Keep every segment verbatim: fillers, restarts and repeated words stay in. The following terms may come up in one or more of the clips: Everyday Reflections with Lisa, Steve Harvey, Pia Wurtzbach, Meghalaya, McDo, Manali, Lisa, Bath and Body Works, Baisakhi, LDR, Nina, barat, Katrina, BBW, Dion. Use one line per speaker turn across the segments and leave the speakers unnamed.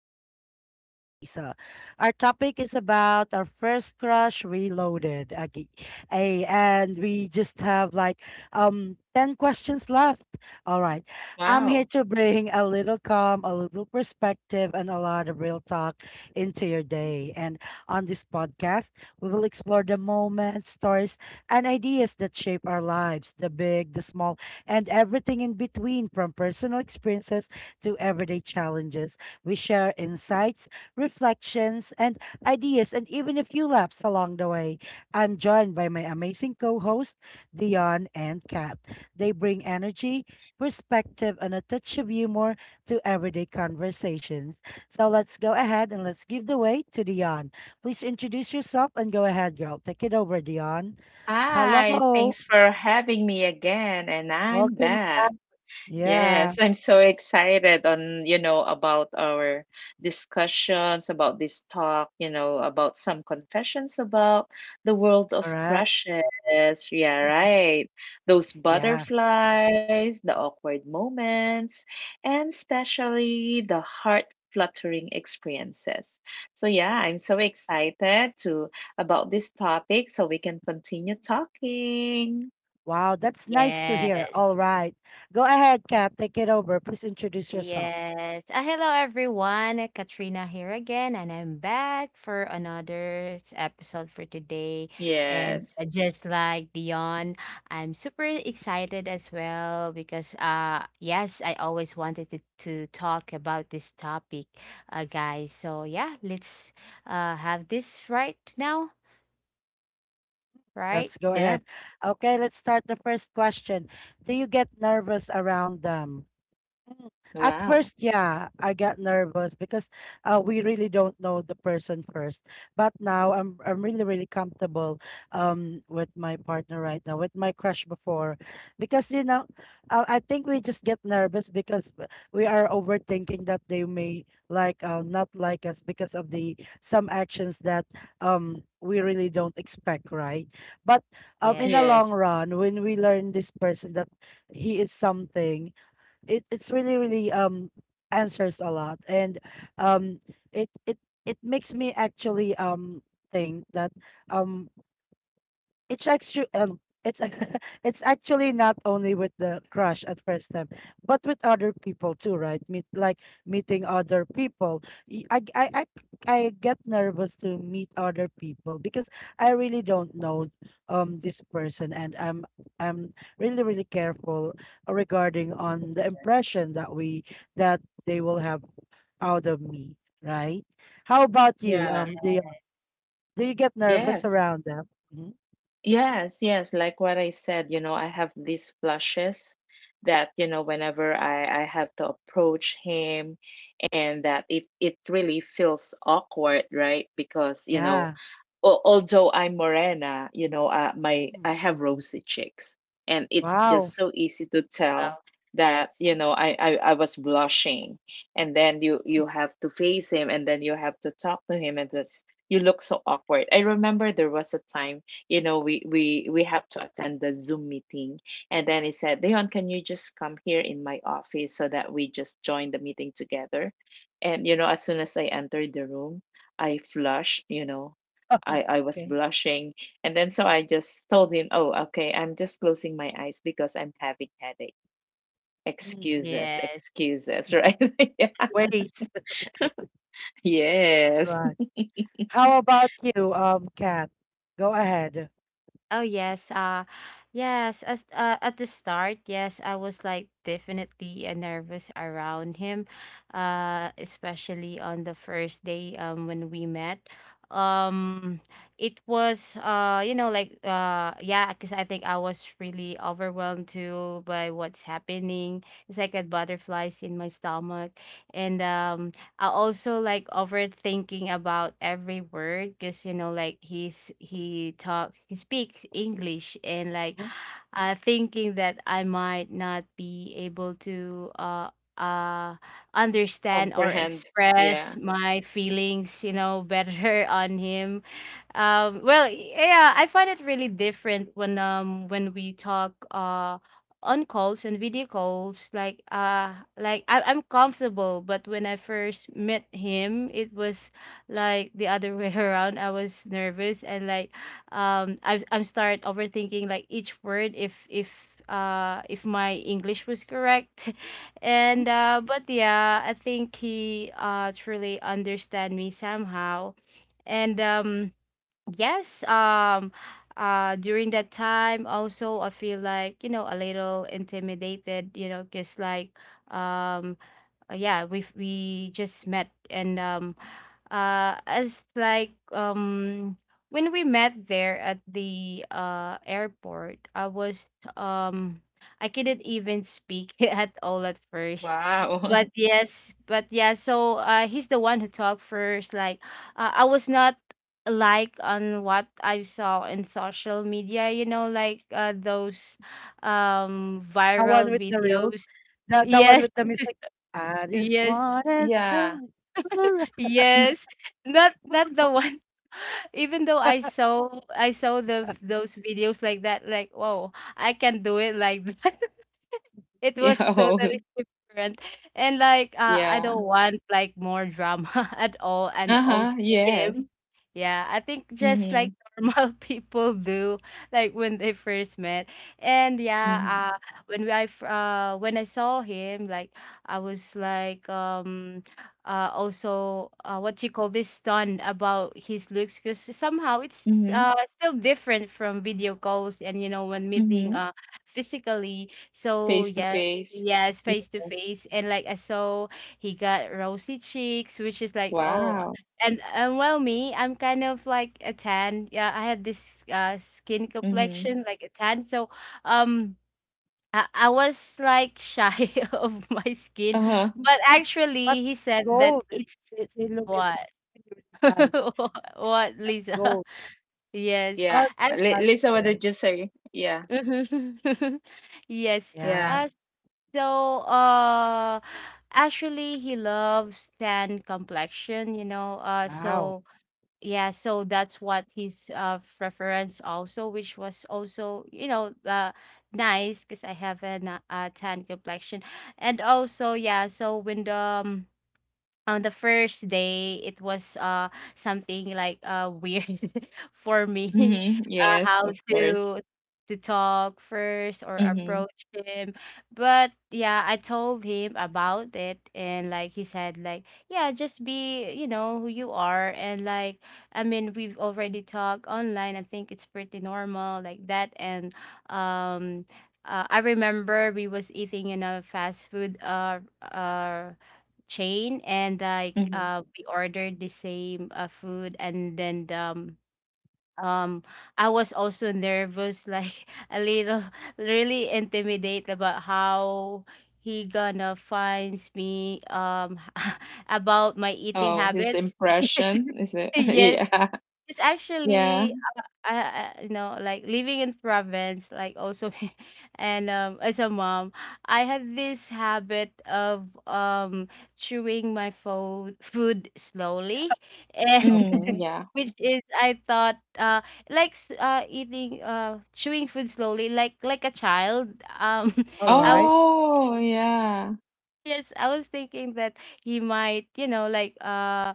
Reflections with Lisa. Our topic is about our first crush reloaded. Okay. Ay, and we just have like um ten questions left. All right. I'm
Wow.
here to bring a little calm, a little perspective, and a lot of real talk into your day. And on this podcast, we will explore the moments, stories, and ideas that shape our lives, the big, the small, and everything in between, from personal experiences to everyday challenges. We share insights, reflections, and ideas, and even a few laps along the way. I'm joined by my amazing co host, Dion and Kat. They bring energy, perspective, and a touch of humor to everyday conversations. So let's go ahead and let's give the way to Dion. Please introduce yourself and go ahead, girl. Take it over, Dion.
Hi,
Hello.
thanks for having me again, and I'm
Welcome.
back.
Yeah,
Yes, I'm so excited on, you know, about our discussions, about this talk, you know, about some confessions about the world of
correct.
crushes. Yeah, right. Those
Yeah.
butterflies, the awkward moments, and especially the heart fluttering experiences. So yeah, I'm so excited to about this topic so we can continue talking.
Wow, that's nice to hear.
Yes,
All right. Go ahead, Kat. Take it over. Please introduce yourself.
yes. Ah, hello everyone. Uh, Katrina here again, and I'm back for another s- episode for today. And
Yes.
uh, just like Dion, I'm super excited as well because uh yes, I always wanted to, to talk about this topic, uh guys. So yeah, let's uh have this right now, right?
Let's go
Yep.
ahead. Okay, let's start the first question. Do you get nervous around them? Mm. At
Wow.
first, yeah, I got nervous because uh, we really don't know the person first. But now I'm I'm really really comfortable um with my partner right now, with my crush before, because you know, uh, I think we just get nervous because w- we are overthinking that they may like, uh, not like us because of the some actions that um we really don't expect, right? But um in the
Yes.
Yes.
long run, when we learn this person, that he is something, it it's really really um answers a lot and um it it it makes me actually um think that, um it's actually, um it's ac- it's actually not only with the crush at first time, but with other people too, right? Meet like meeting other people. Y- I, g- I I c- I get nervous to meet other people because I really don't know um this person, and I'm I'm really really careful regarding on the impression that we that they will have out of me, right? How about you,
Yeah.
um do you, do you get nervous
Yes.
around them? Mhm.
Yes. Yes. Like what I said, you know, I have these flushes that, you know, whenever I, I have to approach him and that it, it really feels awkward, right? Because, you know,
Yeah.
al- although I'm morena, you know, uh, my I have rosy cheeks, and it's just
Wow.
so easy to tell
Wow.
that
Yes.
you know I, I I was blushing, and then you you have to face him, and then you have to talk to him, and that's you look so awkward. I remember there was a time, you know, we we we have to attend the Zoom meeting, and then he said, Leon, can you just come here in my office so that we just join the meeting together? And you know, as soon as I entered the room, I flushed, you know, I, I was
Okay.
blushing. And then so I just told him, oh, okay, I'm just closing my eyes because I'm having headache.
Mm.
Excuses,
Yes.
excuses, right? yeah.
Ways. Okay. All
Yes.
right. How about you, um, Kat? Go ahead.
Oh yes, uh yes, as uh, at the start, yes, I was like definitely uh, nervous around him, uh especially on the first day um when we met. Um it was uh you know like uh yeah, because I think I was really overwhelmed too by what's happening. It's like I had butterflies in my stomach, and um I also like overthinking about every word because you know like he's he talks he speaks English, and like
Mhm.
uh thinking that I might not be able to uh uh understand or
Comprehend. Yeah.
express my feelings you know better on him. Um well, yeah, I find it really different when um when we talk uh on calls and video calls, like uh like I- I'm comfortable, but when I first met him, it was like the other way around. I was nervous, and like um i i'm start overthinking like each word, if if uh if my English was correct and
Mhm.
uh but yeah, I think he uh truly understand me somehow. And um yes. Um uh during that time also, I feel like you know a little intimidated, you know because like um uh, yeah, we we just met. And um uh as like um when we met there at the uh airport, i was um I couldn't even speak at all at first.
Wow.
But yes, but yeah, so uh he's the one who talked first, like uh, I was not like on what I saw in social media, you know like uh, those um
The one
viral
with the reels.
videos.
The the one
Yes.
with the music. I just
Yes.
wanted
yeah.
to live
N-
Yes, not not the
forevermore.
one. Even though I saw I saw the those videos like that, like, whoa, I can do it like that.
Mhm.
It
Yeah.
was
Oh,
totally different. And like uh, I
yeah.
don't want like more drama at all, and also
Uh-huh. Yes.
him. Yeah, I think just
Mm-hmm.
like normal people do, like when they first met. And
Mm-hmm.
yeah, uh when we, I f- uh when I saw him, like I was like um uh also uh what you call this, stunned about his looks, because somehow it's
Mm-hmm.
uh still different from video calls, and you know when meeting
Mm-hmm.
uh physically. So
Face to
yes,
face.
yes,
Yes.
face to face, and like I saw, he got rosy cheeks, which is like, oh,
Wow.
and and well, me, I'm kind of like a tan. Yeah, I had this uh skin
Mm-hmm.
complexion like a tan, so um. I I was like shy of my skin,
Uh-huh.
but
But
actually he said that
gold, it,
it's
they, they look at
what
really, really nice. They see
what,
that's
Lisa?
gold.
Yes,
Our
Yeah. Li- Lisa, what
complexion.
did you say? Yeah.
actually, yes.
Yeah.
Uh,
Yeah.
So, uh, actually, he loves tan complexion, you know. Uh,
Wow.
so yeah, so that's what his uh preference also, which was also, you know, uh, nice, because I have an uh, uh, tan complexion. And also, yeah, so when the um, on the first day, it was uh something like uh weird for me
Mhm.
uh,
Yes,
how
of course.
to to talk first or
Mhm.
approach him. But yeah, I told him about it, and like he said like, yeah, just be you know who you are. And like, I mean, we've already talked online, I think it's pretty normal like that. And um uh, I remember we was eating in a fast food uh uh chain, and like
Mhm.
uh we ordered the same uh, food. And then um um I was also nervous, like a little really intimidated about how he gonna finds me um about my eating
Oh, his
habits.
impression, is it?
Yes,
Yeah.
it's
Yeah.
actually, I, I you know like living in province, like also and um as a mom, I had this habit of um chewing my fo- food slowly, and
Mm,
Okay.
yeah.
which is I thought uh like s- uh eating uh chewing food slowly, like like a child. um
All
I...
right.
Oh, yeah.
Yes, I was thinking that he might, you know, like uh,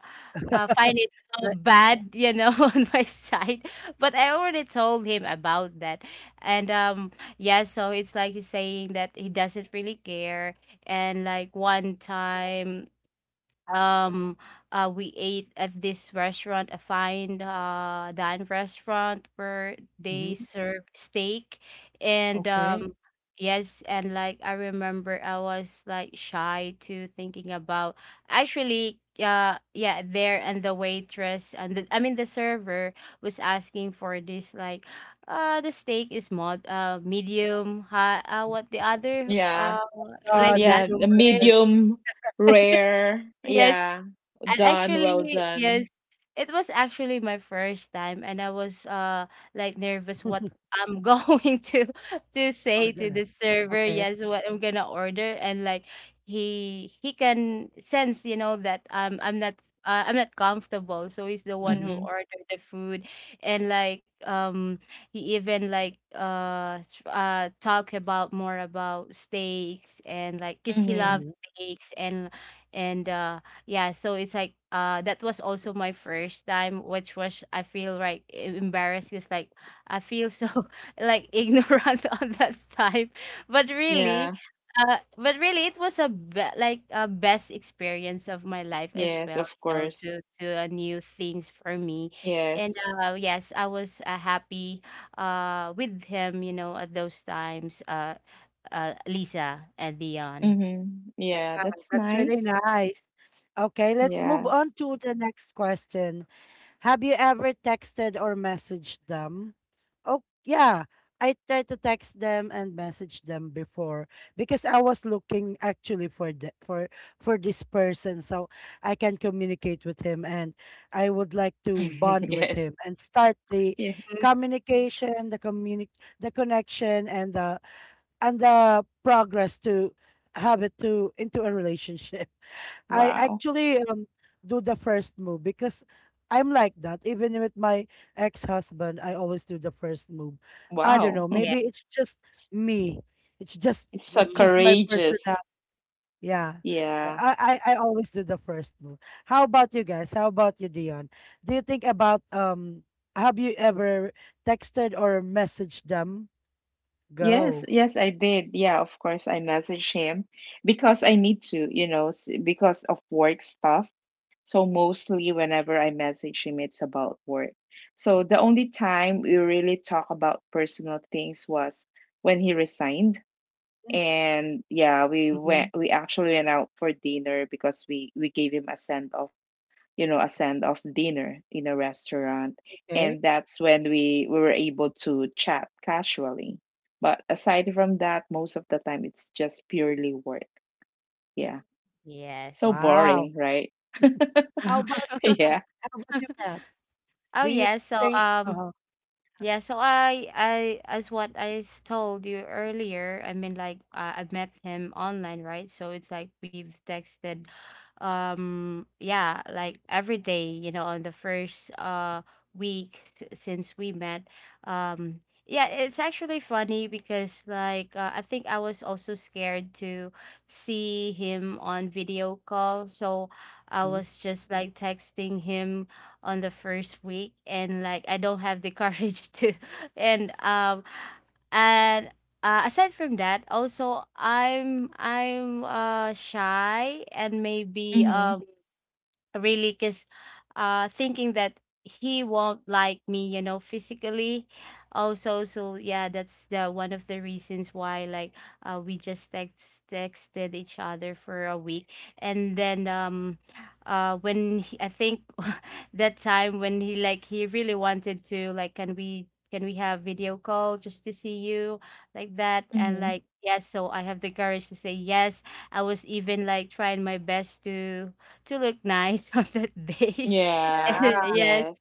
uh find it uh,
Like,
bad, you know, on my side. But I already told him about that, and um, yeah. So it's like he's saying that he doesn't really care, and like one time, um uh we ate at this restaurant, a fine uh dine restaurant, where they
mhm.
serve steak. And
Okay.
um yes, and like I remember, I was like shy to thinking about, actually, uh yeah, there. And the waitress and the, I mean the server, was asking for this, like uh the steak is mod uh medium high, uh what the other,
Yeah.
uh like
Uh,
that,
Yeah,
medium
the
rare
right?
medium rare.
Yes.
Yeah.
And
Done, well
actually, yes,
done.
it was actually my first time, and I was uh like nervous what I'm going to to say to
order.
the server.
Okay.
Yes, what I'm gonna order. And like, he he can sense, you know, that um I'm not. Uh, I'm not comfortable, so he's the one who
Mm-hmm.
Mhm.
ordered the food. And like um he even like uh s- uh talk about more about steaks, and like, cause he
Mhm.
loves
Mm-hmm.
steaks. And and uh yeah, so it's like uh that was also my first time, which was I feel like e- embarrassed, because like I feel so like ignorant on that time. But really,
Yeah.
uh but really, it was a be like a best experience of my life as
Yes,
well,
of
you know,
course.
to to uh, new things for me. And
Yes.
uh yes, I was uh, happy uh with him, you know, at those times, uh uh Lisa and Dion.
Mhm.
Yeah,
Yeah, that's
that's really
nice.
nice. Okay, let's move
Yeah.
on to the next question. Have you ever texted or messaged them? Oh, yeah. I tried to text them and message them before because I was looking actually for the, for for this person, so I can communicate with him, and I would like to bond with
Yes.
him and start the
Yeah.
Mm,
communication, the communi the connection, and the and the progress to have it to into a relationship. I
Wow.
actually um do the first move because I'm like that. Even with my ex-husband, I always do the first move. I don't
Wow.
know.
yeah.
Maybe it's just me. It's just
It's so
it's just
Mhm.
my personal.
courageous.
Yeah, Uh,
Yeah.
I, I I always do the first move. How about you guys? How about you, Dion? Do you think about um? Have you ever texted or messaged them?
Yes,
Go.
yes, I did. Yeah, of course, I messaged him because I need to, you know, s- because of work stuff. So mostly whenever I message him, it's about work. So the only time we really talk about personal things was when he resigned.
Mm,
And yeah, we
Mhm.
went, we actually went out for dinner because we we gave him a send off, you know, a send off dinner in a restaurant,
okay.
and that's when we, we were able to chat casually. But aside from that, most of the time it's just purely work. Yeah, so
Yes.
Wow.
boring, right?
How about you, Kat?
yeah.
How about you, Kat?
Oh
Do you
yeah, so
think
um
uh
yeah, so I I as what I s- told you earlier, I mean, like uh, I met him online, right? So it's like we've texted um yeah, like every day, you know, on the first uh week s- since we met. Um yeah, it's actually funny because like uh, I think I was also scared to see him on video call, so I
Mhm.
was just like texting him on the first week. And like, I don't have the courage to. And um and uh, aside from that, also I'm I'm uh shy, and maybe
Mm-hmm.
um really, because uh thinking that he won't like me, you know physically, also. So yeah, that's the one of the reasons why, like uh, we just text texted each other for a week. And then um uh when he, I think that time when he, like he really wanted to, like can we can we have video call, just to see you, like that. And
Mm-hmm.
like, yes, so I have the courage to say yes. I was even like trying my best to to look nice on that day.
Yeah.
And
Yeah.
yes,
Yes.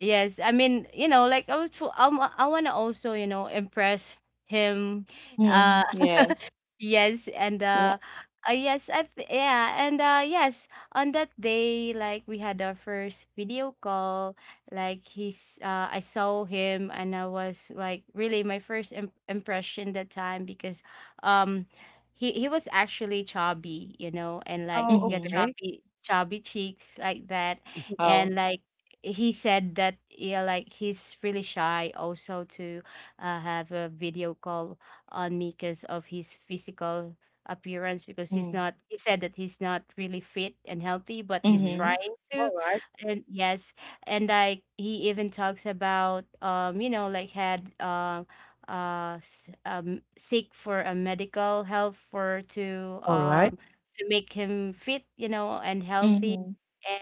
yes. I mean, you know, like I was, tr- I, wa- I want to also, you know, impress him. Uh,
Mm-hmm. Yes.
Yes, and
Yeah.
uh, uh yes, I th yeah, and uh yes, on that day, like we had our first video call, like he's uh I saw him, and I was like really my first im impression that time, because um he he was actually chubby, you know, and like
Oh,
he got
Mm-hmm.
okay.
chubby chubby cheeks, like that.
Oh.
And like he said that, yeah, like he's really shy also to uh, have a video call on me, because of his physical appearance, because he's not he said that he's not really fit and healthy, but he's
Mm-hmm.
Mhm.
trying to.
All right.
And yes, and like he even talks about um you know like had uh uh s- um seek for a medical help, for to
All right.
um to make him fit, you know and healthy.
Mm-hmm.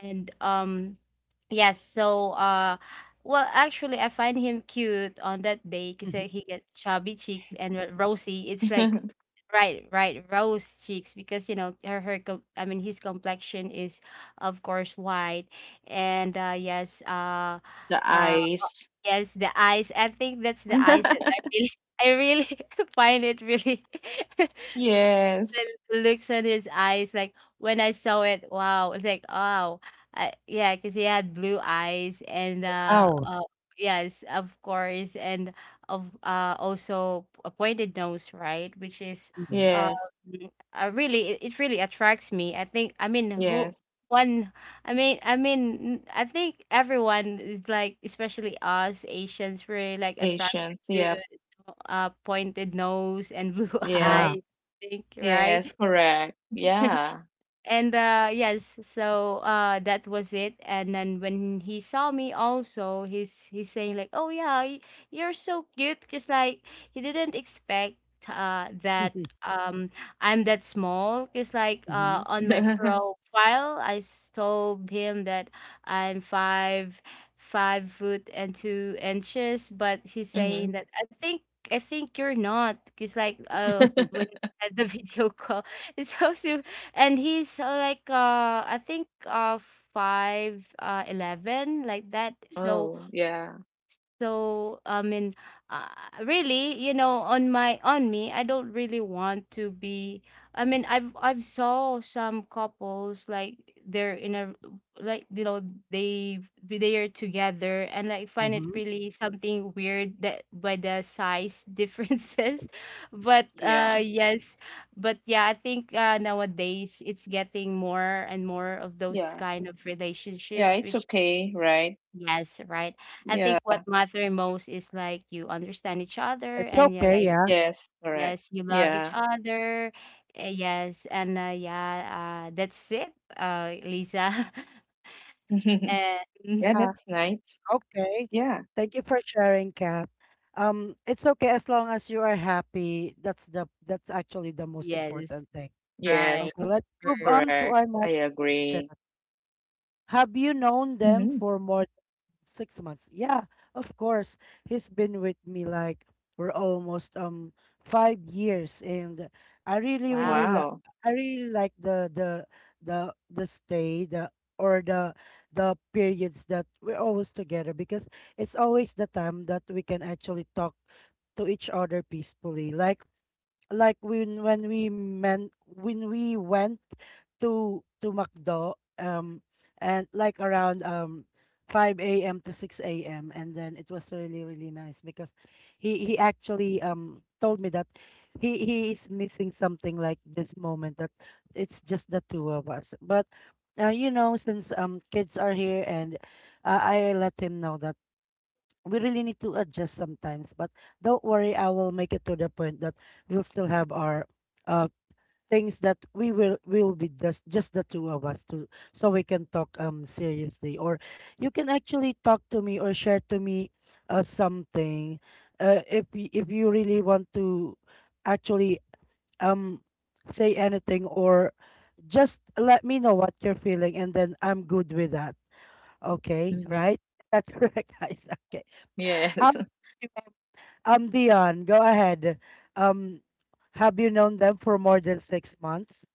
And um yes. So uh well, actually, I find him cute on that day, because
Mhm.
he gets chubby cheeks and r- rosy. It's like, right, right, rose cheeks, because you know her her. Com- I mean, his complexion is, of course, white. And uh, yes, uh,
the
uh,
eyes.
yes, the eyes. I think that's the eyes that I really, I really find it really.
yes.
The looks on his eyes, like when I saw it, wow, it's like, wow, I, yeah, because he had blue eyes. And uh,
Wow.
uh, yes, of course. And of uh, also a pointed nose, right? Which is
Mhm.
um,
Yes.
uh, really, it, it really attracts me. I think, I mean who
Yes.
one I mean I mean I think everyone is like, especially us Asians, we like attracted
Patience.
to
Yep.
uh pointed nose and blue
Yeah.
eyes,
Yes.
think,
Yes,
right?
correct. Yeah.
And uh yes, so uh that was it. And then when he saw me also, he's he's saying like, oh yeah, y- you're so cute, because like he didn't expect uh that um I'm that small, because like uh
Mhm.
on my profile i s- told him that I'm five five foot and two inches, but he's
hmm.
saying that i think I think you're not, because like uh
Mhm.
when at the video call it's so. And he's, uh, like, uh I think uh five, uh eleven, like that. So
Oh, yeah.
so i mean uh, really, you know, on my, on me, I don't really want to be. i mean I've, i've saw some couples like they're in a, like, you know, they they are together and like find it
Mhm.
really something weird, that by the size differences, but uh
Yeah.
yes. But yeah, I think uh nowadays it's getting more and more of those
Yeah.
kind of
Yeah,
relationships
it's
which.
okay, right?
Yes, right. I
Yeah.
think what matter most is like you understand each other,
It's
and yeah,
okay,
like
yeah.
Yes, correct.
yes, you love each
Yeah.
other. Eh, yes, and uh, yeah, uh, that's it, uh, Lisa. And
Yeah,
Uh,
that's nice.
okay.
Yeah.
Thank you for sharing, Kat. Um, it's okay as long as you are happy. That's the that's actually the most
yes,
important thing.
right.
Yes,
Okay, let's
correct.
move
True.
I
on to our next
agree.
question. Have you
Hmm.
known them for more Six months. Yeah, of course. He's been with me like we're almost um five years, and I really,
Wow.
really,
Wow.
li- I really like the the the the stay the or the the periods that we're always together because it's always the time that we can actually talk to each other peacefully. Like like when when we meant when we went to to McDo, um and like around um five a m to six a m, and then it was really really nice because he he actually um told me that he he is missing something like this moment, that it's just the two of us, but uh, you know, since um kids are here, and uh, I let him know that we really need to adjust sometimes, but don't worry, I will make it to the point that we'll still have our uh things that we will will be just just the two of us, to so we can talk, um seriously, or you can actually talk to me or share to me uh something, uh if y- if you really want to actually um say anything, or just let me know what you're feeling, and then I'm good with that. Okay,
Hmm.
right? That's correct, guys. Okay, how
Yes.
um, Dion, go ahead. Um, have you known them for more than six months?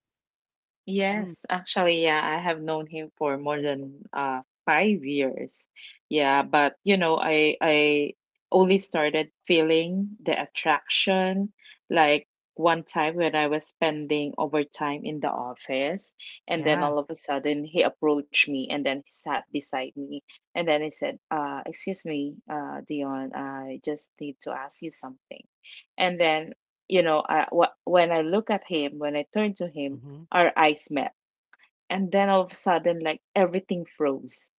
Mm,
Yes, actually, yeah, I have known him for more than uh five years. Yeah, but you know, I I only started feeling the attraction like one time when I was spending overtime in the office, and then
yeah.
all of a sudden he approached me and then he sat beside me, and then he said, uh, excuse me, uh, Dion, I just need to ask you something. And then, you know, I, wh- when I look at him, when I turn to him,
Mm-hmm.
our eyes met. And then all of a sudden, like everything froze.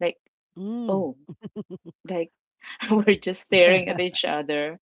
Like,
Mm.
oh, like we're just staring at each other.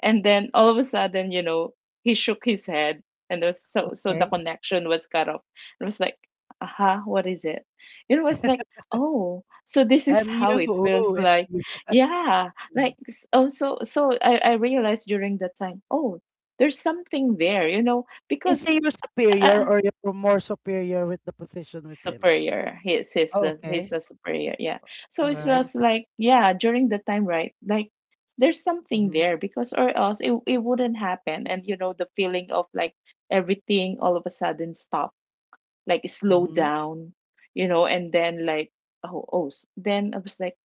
And then all of a sudden, you know, he shook his head and there was so so the
okay.
connection was cut off. It was like, aha, what is it? It was like, oh, so this is
MU.
how it feels
Ooh,
like.
MU.
Yeah. Like s- oh so so I, I realized during that time, oh, there's something there, you know,
Is
because
he your superior,
uh,
or you're more superior with the position with him?
superior. He's he's
Oh,
the he's
okay.
a superior. Yeah. So
All
it
right.
was
Yes.
like yeah during the time right like there's something
Mm-hmm.
there because or else it it wouldn't happen. And you know the feeling of like everything all of a sudden like slow
Mm-hmm.
down, you know, and then like oh oh s- then I was like,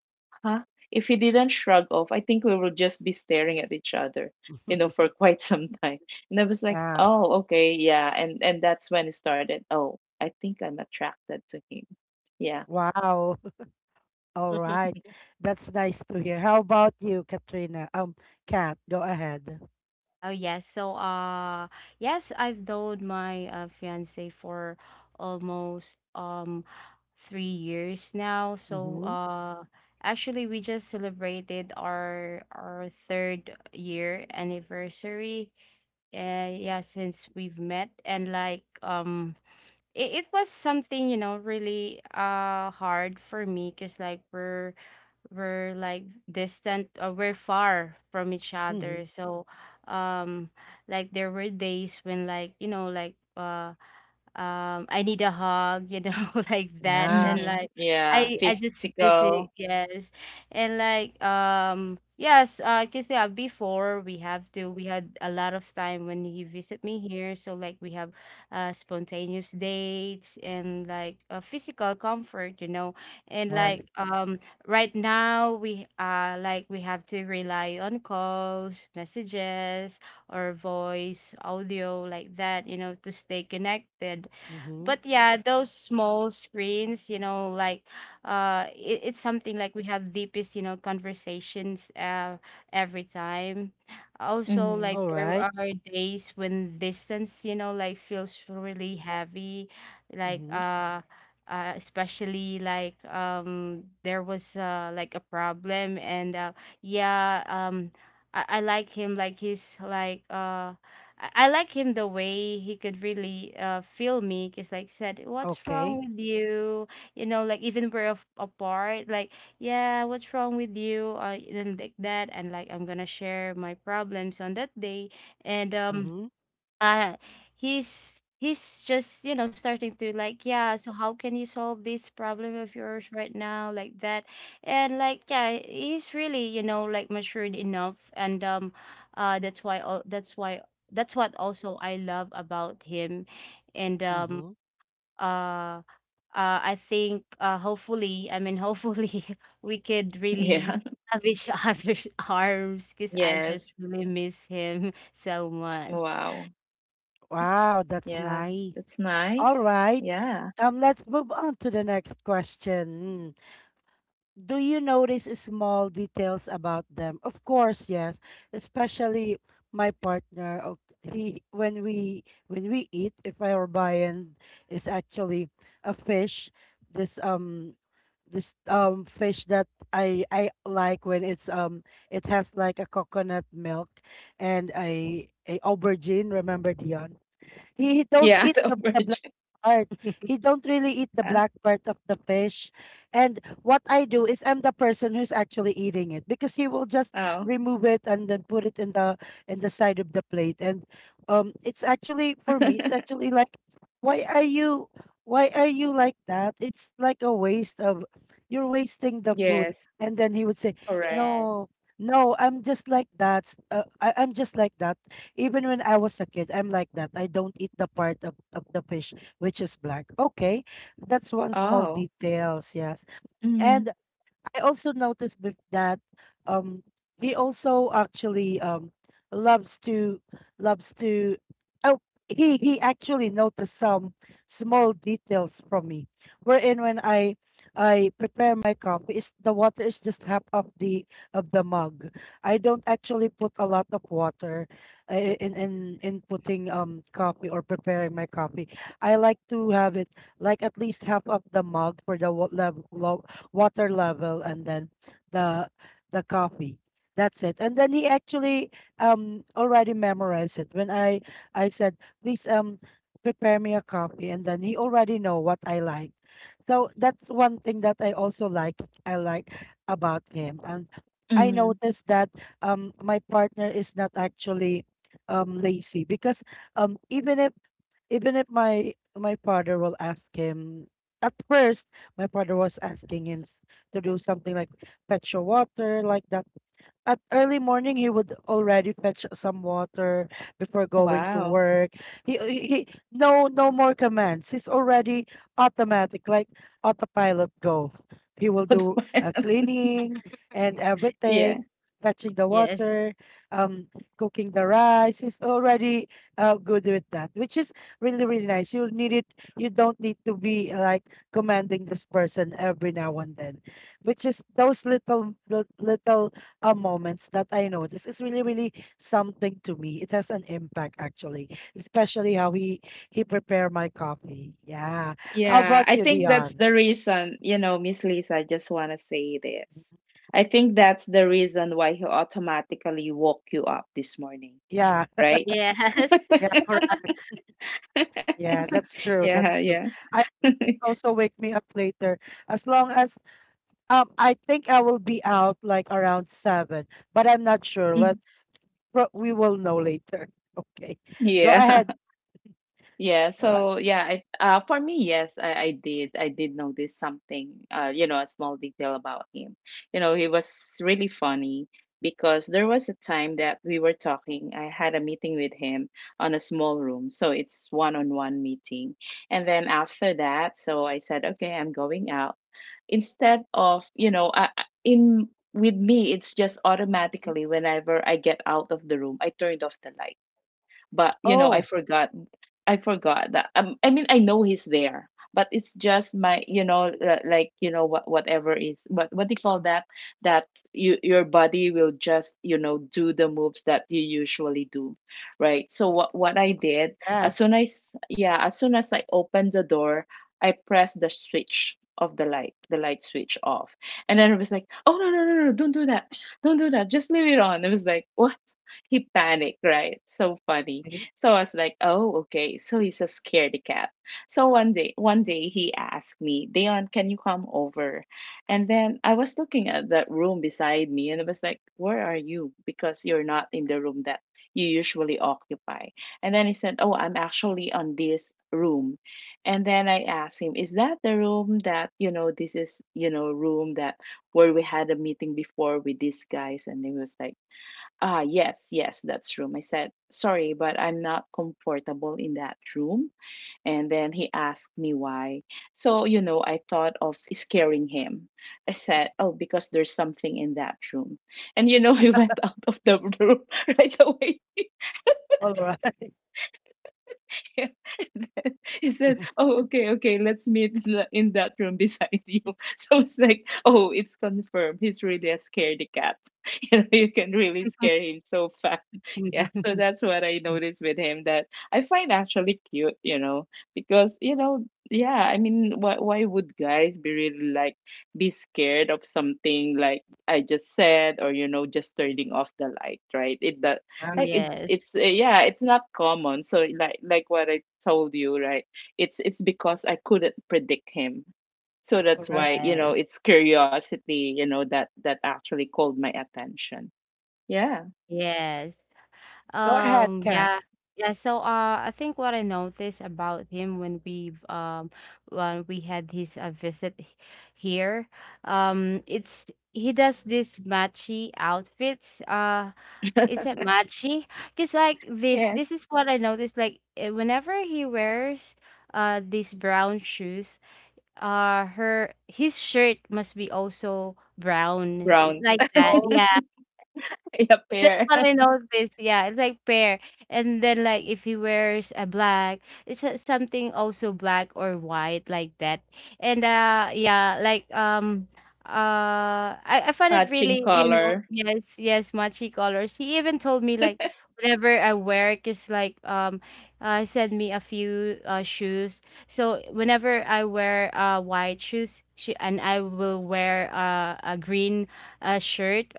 huh? If he didn't shrug off, I think we will just be staring at each other, you know, for quite some time. And I was like,
yeah.
oh okay, yeah, and and that's when it started. Oh, I think I'm attracted to him. Yeah.
Wow. All right. That's nice to hear. How about you, Katrina? Um, Kat, go ahead.
Oh yes. So uh yes, I've known my uh, fiance for almost um three years now. So
Mm-hmm.
uh actually we just celebrated our our third year anniversary. Uh, yeah, since we've met. And like um it, it was something, you know, really uh hard for me, because like we're we're like distant, or we're far from each
Mm-hmm.
other. So um like there were days when, like, you know, like uh um, I need a hug, you know, like that.
Mm-hmm.
Yeah.
And like
Yeah.
I I just
Physical.
miss it, yes. And like um yes, uh 'cause yeah, before we have to we had a lot of time when he visit me here. So like we have uh spontaneous dates and like, uh, physical comfort, you know. And
Yeah.
like um right now we uh like we have to rely on calls, messages, or voice, audio, like that, you know, to stay connected.
Mhm.
But yeah, those small screens, you know, like uh it, it's something like we have deepest, you know, conversations uh every time. Also
Mm-hmm.
like
All
there
right.
are days when distance, you know, like feels really heavy, like
Mhm.
uh uh, especially like um there was uh like a problem. And uh yeah, um I, I like him, like he's like, uh I, I like him the way he could really uh feel me, because like, said what's wrong
Okay.
with you, you know, like even we're af- apart, like, yeah, what's wrong with you? Uh, and like that, and like I'm gonna share my problems on that day. And um
Mhm.
uh he's he's just, you know, starting to, like, yeah, so how can you solve this problem of yours right now, like that. And like yeah, he's really, you know, like, matured enough. And um uh that's why, al- that's why, that's what also I love about him. And um
Mhm.
uh uh, I think uh, hopefully, I mean, hopefully, we could
Yeah.
really have each other's arms, because I
Yes.
just really miss him so much.
Wow.
Wow, that's
Yeah. That's
nice.
nice.
All right.
Yeah.
Um, let's move on to the next question. Mm. Do you notice small details about them? Of course, yes. Especially my partner. o- He, when we when we eat, if our viand is actually a fish, this um this um fish that I I like, when it's, um it has like a coconut milk and a a aubergine. Remember Dion? He, he don't
Yeah.
eat
The
the, the black
virgin.
part. He don't really eat the black part of the fish. And what I do is I'm the person who's actually eating it, because he will just
Oh.
remove it and then put it in the in the side of the plate. And um it's actually, for me, it's actually like, why are you, why are you like that? It's like a waste of, you're wasting the food.
yes.
And then he would say,
Correct.
Yes.
no, no, I'm just like that. s- Uh, I, I'm just like that. Even when I was a kid, I'm like that. I don't eat the part of, of the fish which is black. Okay, that's one small
Oh.
details. Yes,
Mhm.
and I also noticed bef- that um he also actually um loves to loves to oh he he actually noticed some small details from me, wherein when I I prepare my coffee, is the water is just half of the of the mug. I don't actually put a lot of water, uh, in in in putting, um coffee, or preparing my coffee. I like to have it like at least half of the mug for the wa- lev- lo- water level, and then the the coffee. That's it. And then he actually um already memorized it. When I I said, please um prepare me a coffee, and then he already know what I like. So that's one thing that I also like I like about him. And I
Mhm.
noticed that um my partner is not actually um lazy, because um even if even if my my father will ask him, at first, my father was asking him s- to do something like fetch your water, like that. At early morning, he would already fetch some water before going to
Wow.
work. He, he he- no no more commands, he's already automatic, like autopilot go. He will
What
do,
the
uh,
man?
cleaning and
Yeah.
everything, fetching the
Yes.
water, um cooking the rice. He's already, uh, good with that, which is really really nice. You need it. You don't need to be, uh, like commanding this person every now and then, which is those little little uh, moments that I notice is really, really something to me. It has an impact actually, especially how he he prepare my coffee. Yeah. How
Yeah.
about
I
you,
think that's
Dion?
the reason, you know, Miss Lisa, I just want to say this. I think that's the reason why he automatically woke you up this morning,
Yeah,
right?
Yes.
yeah, correct. Yeah, that's true.
yeah,
That's true.
yeah.
I it can also wake me up later, as long as um I think I will be out like around seven, but I'm not sure.
Mm.
Let, but we will know later. Okay, go
Yeah.
ahead.
Yeah,
Go a-
so yeah, I, uh, for me, yes, I, I did. I did notice something, uh, you know, a small detail about him. You know, he was really funny because there was a time that we were talking. I had a meeting with him on a small room, so it's one-on-one meeting. And then after that, so I said, okay, I'm going out. Instead of, you know, I, I- in with me, it's just automatically whenever I get out of the room, I turned off the light. But you know I
Oh,
forgot. I forgot that um, I mean I know he's there, but it's just my, you know, uh, like you know what whatever is what what do you call that, that you your body will just you know do the moves that you usually do, right? So what what I did
yeah.
as soon as yeah as soon as I opened the door, I pressed the switch of the light, the light switch off. And then it was like oh no no no no don't do that, don't do that, just leave it on. It was like what, he panicked, right? So funny.
Okay.
So I was like, oh, okay. So he's a scaredy cat. So one day, one day he asked me, Dion, can you come over? And then I was looking at that room beside me and I was like, where are you? Because you're not in the room that you usually occupy. And then he said, oh, I'm actually on this room. And then I asked him, is that the room that, you know, this is, you know, room that where we had a meeting before with these guys? And he was like, Ah, yes, yes, that's room. I said, sorry, but I'm not comfortable in that room. And then he asked me why. So, you know, I thought of scaring him. I said, oh, because there's something in that room. And, you know, he went out of the room right away.
All right.
And then he said, oh, okay, okay, let's meet in the- in that room beside you. So it's like, oh, it's confirmed. He's really a scaredy cat. You know, you can really scare him so fast. Yeah, so that's what I noticed with him that I find actually cute, you know, because you know, yeah, I mean, why why would guys be really like be scared of something like I just said, or you know, just turning off the light, right? It that
Yeah,
like it
Yes.
it's uh, yeah, it's not common. So like like what I told you, right? It's it's because I couldn't predict him. So that's
correct.
why, you know,
Yes.
it's curiosity, you know, that that actually called my attention. Yeah.
Yes.
Go ahead,
Um,
Kat.
yeah. Yeah, so uh I think what I noticed about him when we've um when we had his uh, visit h- here, um it's, he does this matchy outfits. Uh is it matchy? Cause like this
Yes.
this is what I noticed, like, eh, whenever he wears uh these brown shoes, uh her his shirt must be also brown. I
Brown.
like that.
Oh
Yeah.
in a
That's
pair.
what I noticed. Yeah, it's like pear. And then like if he wears a black, it's, uh, something also black or white, like that. And uh yeah, like um uh I, I find it
Matching
really, you know,
color.
yes, yes, matchy colors. He even told me like whenever I wear, cause like um uh send me a few uh shoes. So whenever I wear uh white shoes, she, and I will wear, uh, a green, uh, shirt,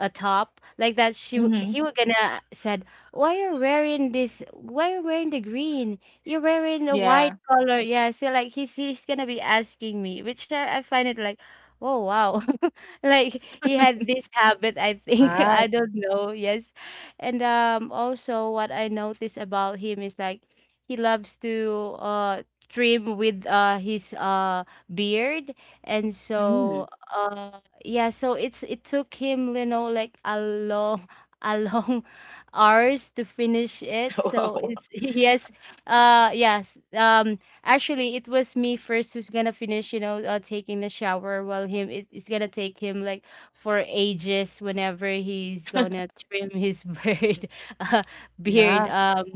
a top, like that, she w- he
Mm-hmm.
was gonna said, why are you wearing this, why are you wearing the green, you're wearing a white
Yeah.
color? Yeah, so like he's he's gonna be asking me, which i, I find it like, oh wow, like he had this habit, I think. I
my.
don't know, yes. And um also what I noticed about him is like he loves to uh trim with uh his uh beard. And
Mm.
so uh, yeah, so it's, it took him, you know, like a long, a long hours to finish it. So
Wow.
it's, yes, uh yes, um actually it was me first who's gonna finish, you know, uh, taking the shower, while him, it, it's gonna take him like for ages whenever he's gonna trim his beard uh, beard.
Yeah.
um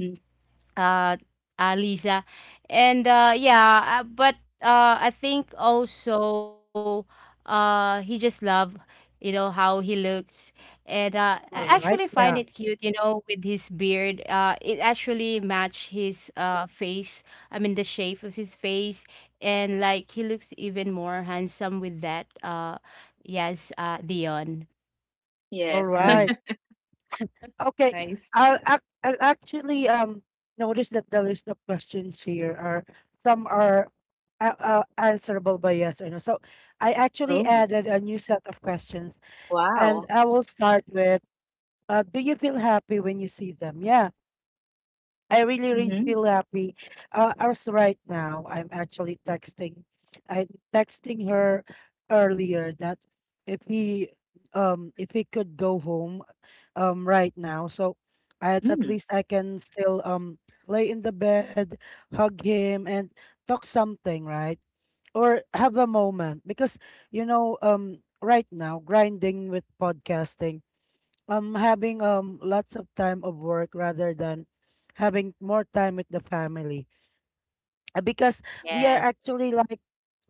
uh, uh Lisa. And uh yeah, uh, but uh I think also uh he just love, you know, how he looks. And uh I
All
actually
right.
find it
Yeah.
cute, you know, with his beard. Uh it actually match his uh face. I mean, the shape of his face, and like he looks even more handsome with that. Uh yes, uh Dion.
All
Yes.
Um
right. Okay.
Nice.
I'll, ac- I'll actually um notice that the list of questions here are, some are, uh, uh, answerable by yes or no. So I actually
Oh.
added a new set of questions, and
Wow.
I will start with. Uh, do you feel happy when you see them? Yeah. I really, really
Mm-hmm.
feel happy. Uh, as right now, I'm actually texting. I'm texting her earlier that if he, um, if he could go home, um, right now, so at at
Mm.
least I can still um lay in the bed, hug him, and talk something, right? Or have a moment because you know, um, right now grinding with podcasting um having um lots of time of work rather than having more time with the family. Uh, because we are
yes,
actually like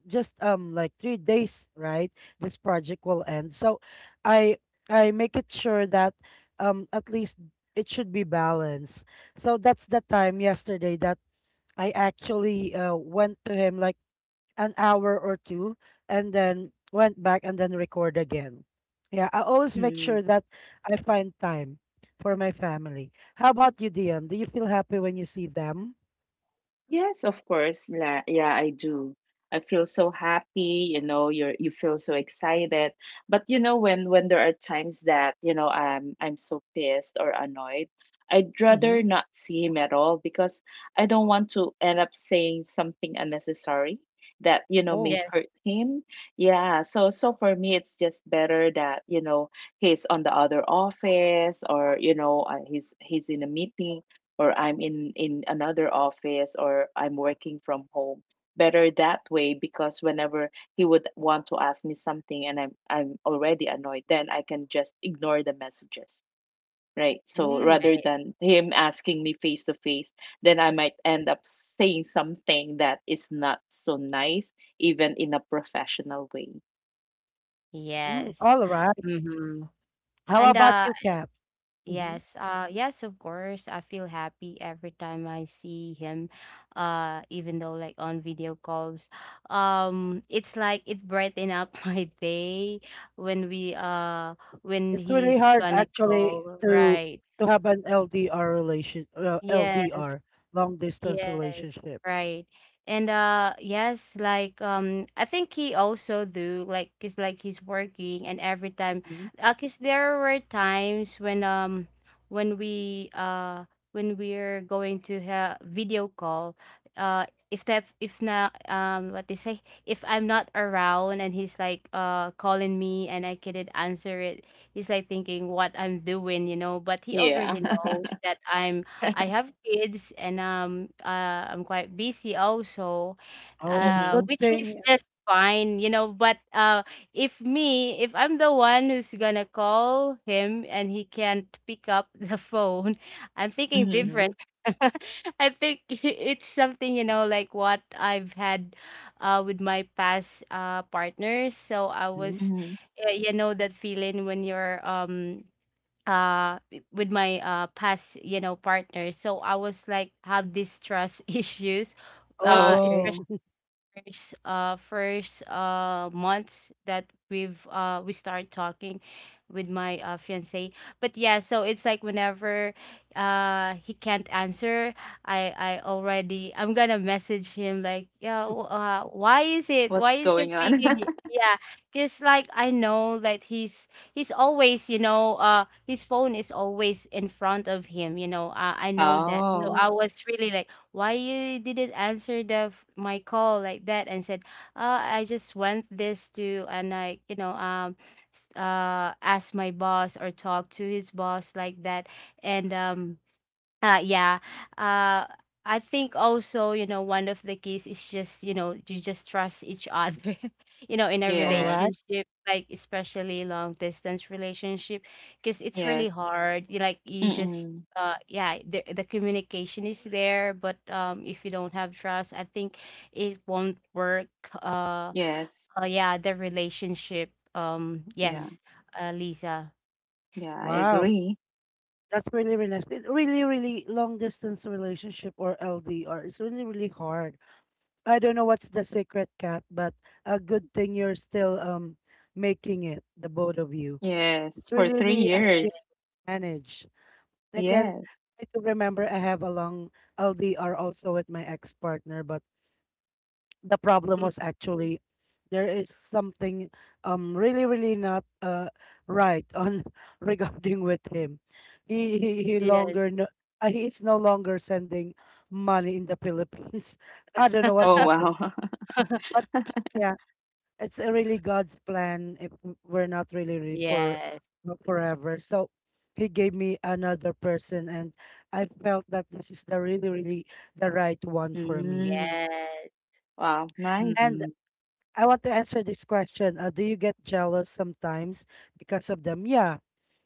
just um like three days, right, this project will end. So i i make it sure that um at least it should be balanced. So that's the time yesterday that I actually uh, went to him like an hour or two and then went back and then record again. Yeah, I always make sure
Mm.
that I find time for my family. How about you, Dion? Do you feel happy when you see them?
Yes, of course. La- Yeah, I do. I feel so happy, you know, you're you feel so excited. But you know, when when there are times that, you know, um I'm so pissed or annoyed, I'd
Mm-hmm.
rather not see him at all because I don't want to end up saying something unnecessary that, you know,
Oh,
may
yes,
hurt him. Yeah, so so for me it's just better that, you know, he's on the other office, or, you know, uh, he's he's in a meeting, or I'm in in another office, or I'm working from home. Better that way because whenever he would want to ask me something and I'm I'm already annoyed, then I can just ignore the messages. Right. So
mm,
rather
right.
than him asking me face to face, then I might end up saying something that is not so nice, even in a professional way.
mm,
Yes.
all right.
Mm-hmm.
How
And
about
uh
you, Kat? Mm-hmm.
yes, uh, yes, of course. I feel happy every time I see him, uh, even though like on video calls. Um, it's like it brighten up my day when we uh when
It's really
he's
hard
gonna
actually
call,
to
right?
to have an L D R relation, uh,
Yes.
L D R, long distance
Yes,
relationship.
right. And uh yes, like um I think he also do, like, cause like he's working. And every time,
Mhm.
uh, cause there were times when um when we uh when we're going to have video call, uh if that, if not, um what they say, if I'm not around and he's like uh calling me and I couldn't answer it, he's like thinking what I'm doing, you know. But he
Yeah.
already knows that I'm I have kids. And um uh, I'm quite busy also,
Oh,
uh,
mm-hmm.
good
which is
thing.
just fine, you know. But uh, if me, if I'm the one who's gonna call him and he can't pick up the phone, I'm thinking
Mm-hmm.
Mhm,
different. I think, it's something, you know, like what I've had, uh, with my past uh, partners. So I
mhm.
was,
Mm-hmm.
uh, you know, that feeling when you're um uh w- with my uh past, you know, partner. So I was like, have these trust issues
Oh,
uh
okay.
Oh,
first uh first uh months that we've uh we started talking with my uh fiance. But yeah, so it's like whenever uh he can't answer, I I already, I'm gonna message him like, yeah, w- uh, why is it, why
what's
is your
going on?
picking, y- yeah? Because like I know that he's he's always, you know, uh his phone is always in front of him, you know, uh, I know that. So
oh,
I
Mhm,
was really like, why you didn't answer the f- my call, like that. And said, uh, I just went this to, and I, you know, um s- uh ask my boss or talk to his boss, like that. And um uh, yeah. Uh, I think also, you know, one of the keys is just, you know, you just trust each other, you know, in a
all right.
yes.
relationship, like, especially long distance relationship, because it's really
Yes.
hard. You, like, you just
Mm-mm.
uh yeah, the the communication is there. But um if you don't have trust, I think it won't work. Uh,
Yes.
uh yeah, the relationship. Um,
Yeah.
Mm-hmm.
yes, uh, Lisa.
Yeah, I
Wow,
agree.
that's really, really nice. It really, really long distance relationship or L D R is really, really hard. I don't know what's the secret, Cat, but a good thing you're still um making it, the both of you.
Yes.
It's
For
really,
three
really actually
years.
managed. I can't.
Yes.
I do remember I have a long L D R also with my ex partner, but the problem
Mm,
was actually there is something um really really not uh right on regarding with him. he he, he
yes.
longer no, uh, he is no longer sending money in the Philippines. I don't know what
Oh,
happened,
wow.
but, but yeah, it's a really god's plan. If w- we're not really, really for
Yes.
for forever, so he gave me another person, and I felt that this is the really really the right one for me.
Mm.
Yes.
Wow. Nice.
Mm.
I want to answer this question. Uh, do you get jealous sometimes because of them? Yeah,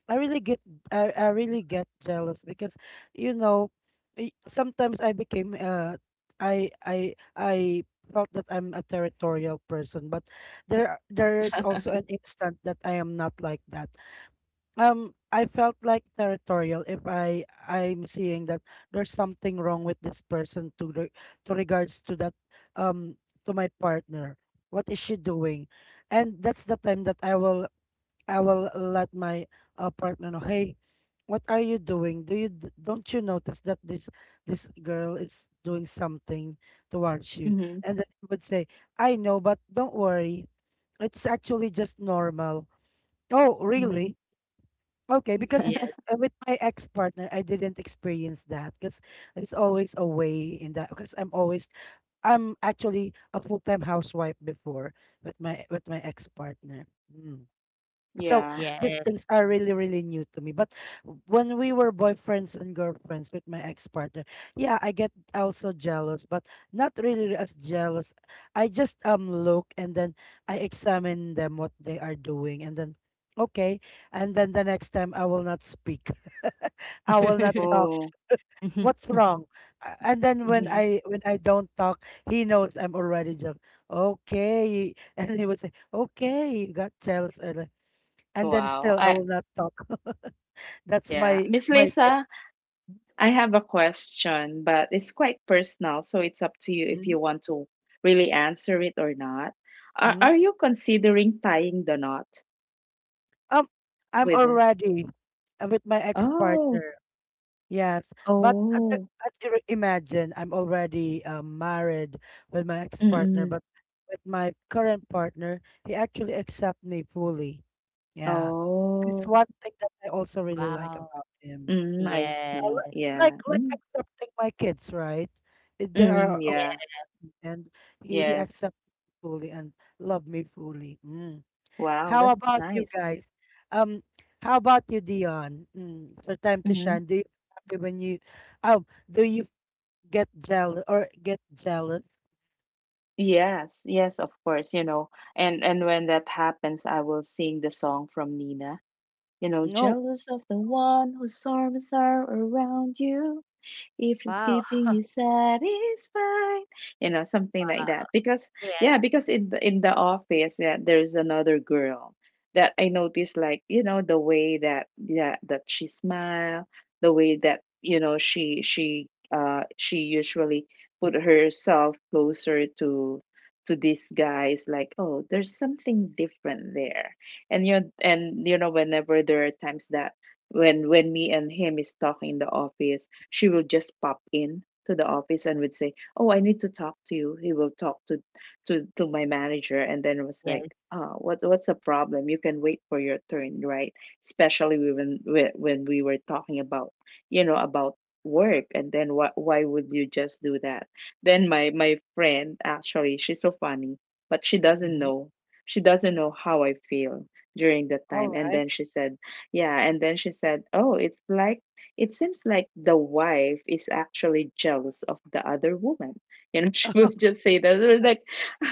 I really get. I, I really get jealous because you know, y- sometimes I became uh I I I felt that I'm a territorial person, but there there's also an instant that I am not like that. um I felt like territorial if I I'm seeing that there's something wrong with this person to re- to regards to that, um to my partner. What is she doing? And that's the time that I will I will let my uh, partner know, "Hey, what are you doing? Do you d- don't you notice that this this girl is doing something towards you?"
Mm-hmm.
And then he would say, "I know, but don't worry. It's actually just normal." Oh,
Mm-hmm.
really? Okay, because
Yes,
uh, with my ex-partner, I didn't experience that because there's always a way in that. Because I'm always, I'm actually a full-time housewife before with my with my ex-partner. Hmm. So
Yeah.
these
yes.
things are really, really new to me. But when we were boyfriends and girlfriends with my ex-partner, yeah, I get also jealous, but not really as jealous. I just um look and then I examine them what they are doing and then okay. And then the next time I will not speak. I will not talk.
Oh.
What's wrong? Uh, and then when
Mm-hmm.
i when i don't talk, he knows I'm already jealous. Okay. And he would say, "Okay, you got jealous earlier," and then
Wow.
still I
I
will not talk. That's
yeah.
my
Miss
my thing.
Lisa, I have a question, but it's quite personal, so it's up to you if
Mhm,
you want to really answer it or not. Are
mhm.
are you considering tying the knot
Um, I'm
with
already uh, with my
Oh.
ex-partner. Yes, but uh, the-
Oh.
uh, ir- imagine I'm already uh, married with my ex-partner,
Mm-mm.
but with my current partner, he actually accept me fully. Yeah, it's
Oh,
one thing that I also really like
Wow.
about him.
mm, I
I
see.
li-
Yes.
like
Yeah.
like
Mm,
accepting my kids, right? Uh, they
mm,
are.
Yes.
yeah.
And he, he
Yes.
accepted me fully and loved me fully. Mm.
Wow,
How
that's
about you
nice.
guys? Um, how about you, Dion? Mm. So time to
Hmm.
shine. Do you happy when you, oh, do you get jealous or get jealous?
Yes, yes, of course, you know. And and when that happens, I will sing the song from Nina. You know,
No.
jealous of the one whose arms are around you. If your
Wow.
skipping is satisfied, you know, something like
Ha.
that because
Yes.
Yeah, because in the, in the office, yeah, there's another girl that I noticed, like, you know, the way that, yeah, that she smile, the way that, you know, she she uh she usually put herself closer to to these guys. Like, oh, there's something different there. And you know, and you know whenever there are times that when when me and him is talking in the office, she will just pop in to the office and would say, "Oh, I need to talk to you." He will talk to to to my manager, and then was like,
Yes.
"Ah, what what's the problem? You can wait for your turn, right?" Especially when when when we were talking about, you know, about work, and then why why would you just do that? Then my my friend actually, she's so funny, but she doesn't
Mhm.
know. She doesn't know how I feel during that
All
time, and
right.
then she said, yeah, and then she said, "Oh, it's like it seems like the wife is actually jealous of the other woman. You know," she would just say that, they like,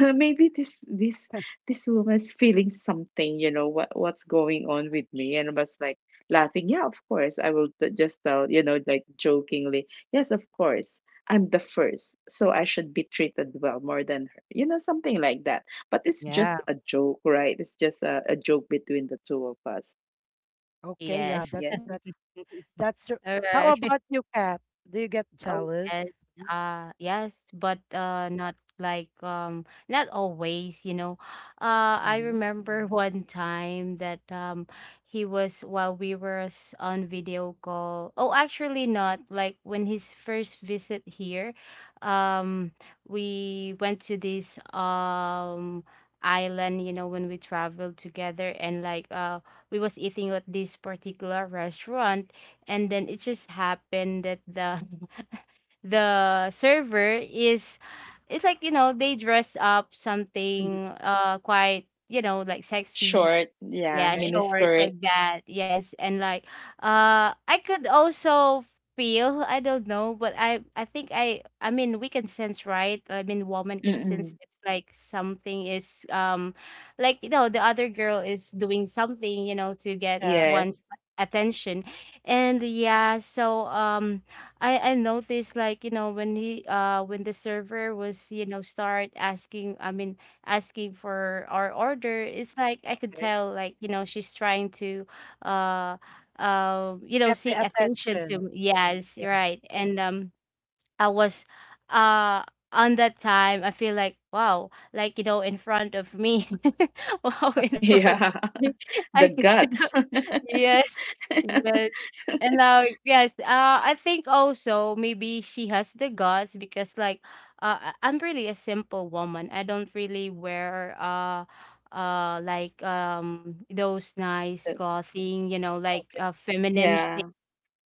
"Uh, maybe this this this woman's feeling something, you know, what what's going on with me," and was like laughing. Yeah, of course. I will t- just tell, you know, like jokingly, yes, of course. I'm the first, so I should be treated well more than her. You know, something like that. But it's
Yeah.
just a joke, right? It's just a, a joke between the two of us.
Okay. Yeah.
Yes.
That's
Yeah.
that's that's true. How
Alright.
about you, Kat? Do you get
Oh, yes.
jealous?
Uh, yes, but uh, not like um, not always, you know. Uh, I
Mm-hmm.
remember one time that, um, he was, while we were s- on video call. Oh, actually not. Like when his first visit here, um, we went to this um island, you know, when we traveled together. And like uh, we was eating at this particular restaurant. And then it just happened that the the server is, it's like, you know, they dress up something uh quite, you know, like sexy,
Short, yeah,
yeah,
Okay.
shorts,
miniskirt.
like that. Yes. And like uh I could also feel, I don't know, but I I think I I mean, we can sense, right? I mean, woman can sense
Mm-mm.
if like something is, um like, you know, the other girl is doing something, you know, to get
Yeah.
Yes.
one's attention. And yeah, so um I I noticed like, you know, when he uh when the server was, you know, start asking, I mean, asking for our order, it's like, I could
Okay.
tell, like, you know, she's trying to uh um you know,
Get
seek
the
attention to
attention.
me. Yes, you're
Yeah.
right. And um I was uh on that time, I feel like, wow, like, you know, in front of me, wow, in front
Yeah.
of me,
The
I could tell.
guts.
Yes, yes. And now, yes, uh, I think also maybe she has the guts because, like, uh, I- I'm really a simple woman. I don't really wear, uh, uh, like, um, those nice
The-
clothing, you know, like, uh, feminine,
Yeah.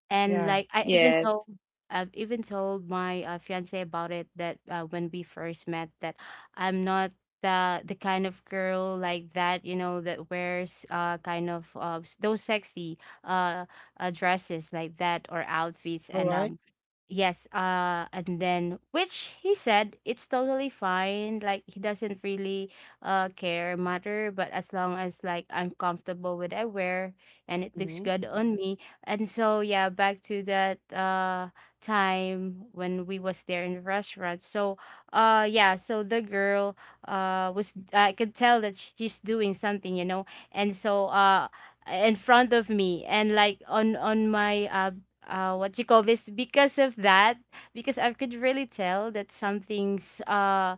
and
Yeah.
like I even told
Yes.
I've even told my uh, fiance about it that uh, when we first met that I'm not the the kind of girl like that, you know, that wears uh kind of uh, s- those sexy uh, uh dresses like that or outfits.
All
and
right.
um yes uh and then which, he said, it's totally fine. Like, he doesn't really uh care, matter, but as long as like I'm comfortable with what I wear and it looks
Mm-hmm.
good on me. And so, yeah, back to that uh time when we was there in the restaurant. So uh yeah, so the girl uh was, I could tell that she's doing something, you know. And so, uh in front of me, and like, on on my uh uh what you call this, because of that, because I could really tell that something's uh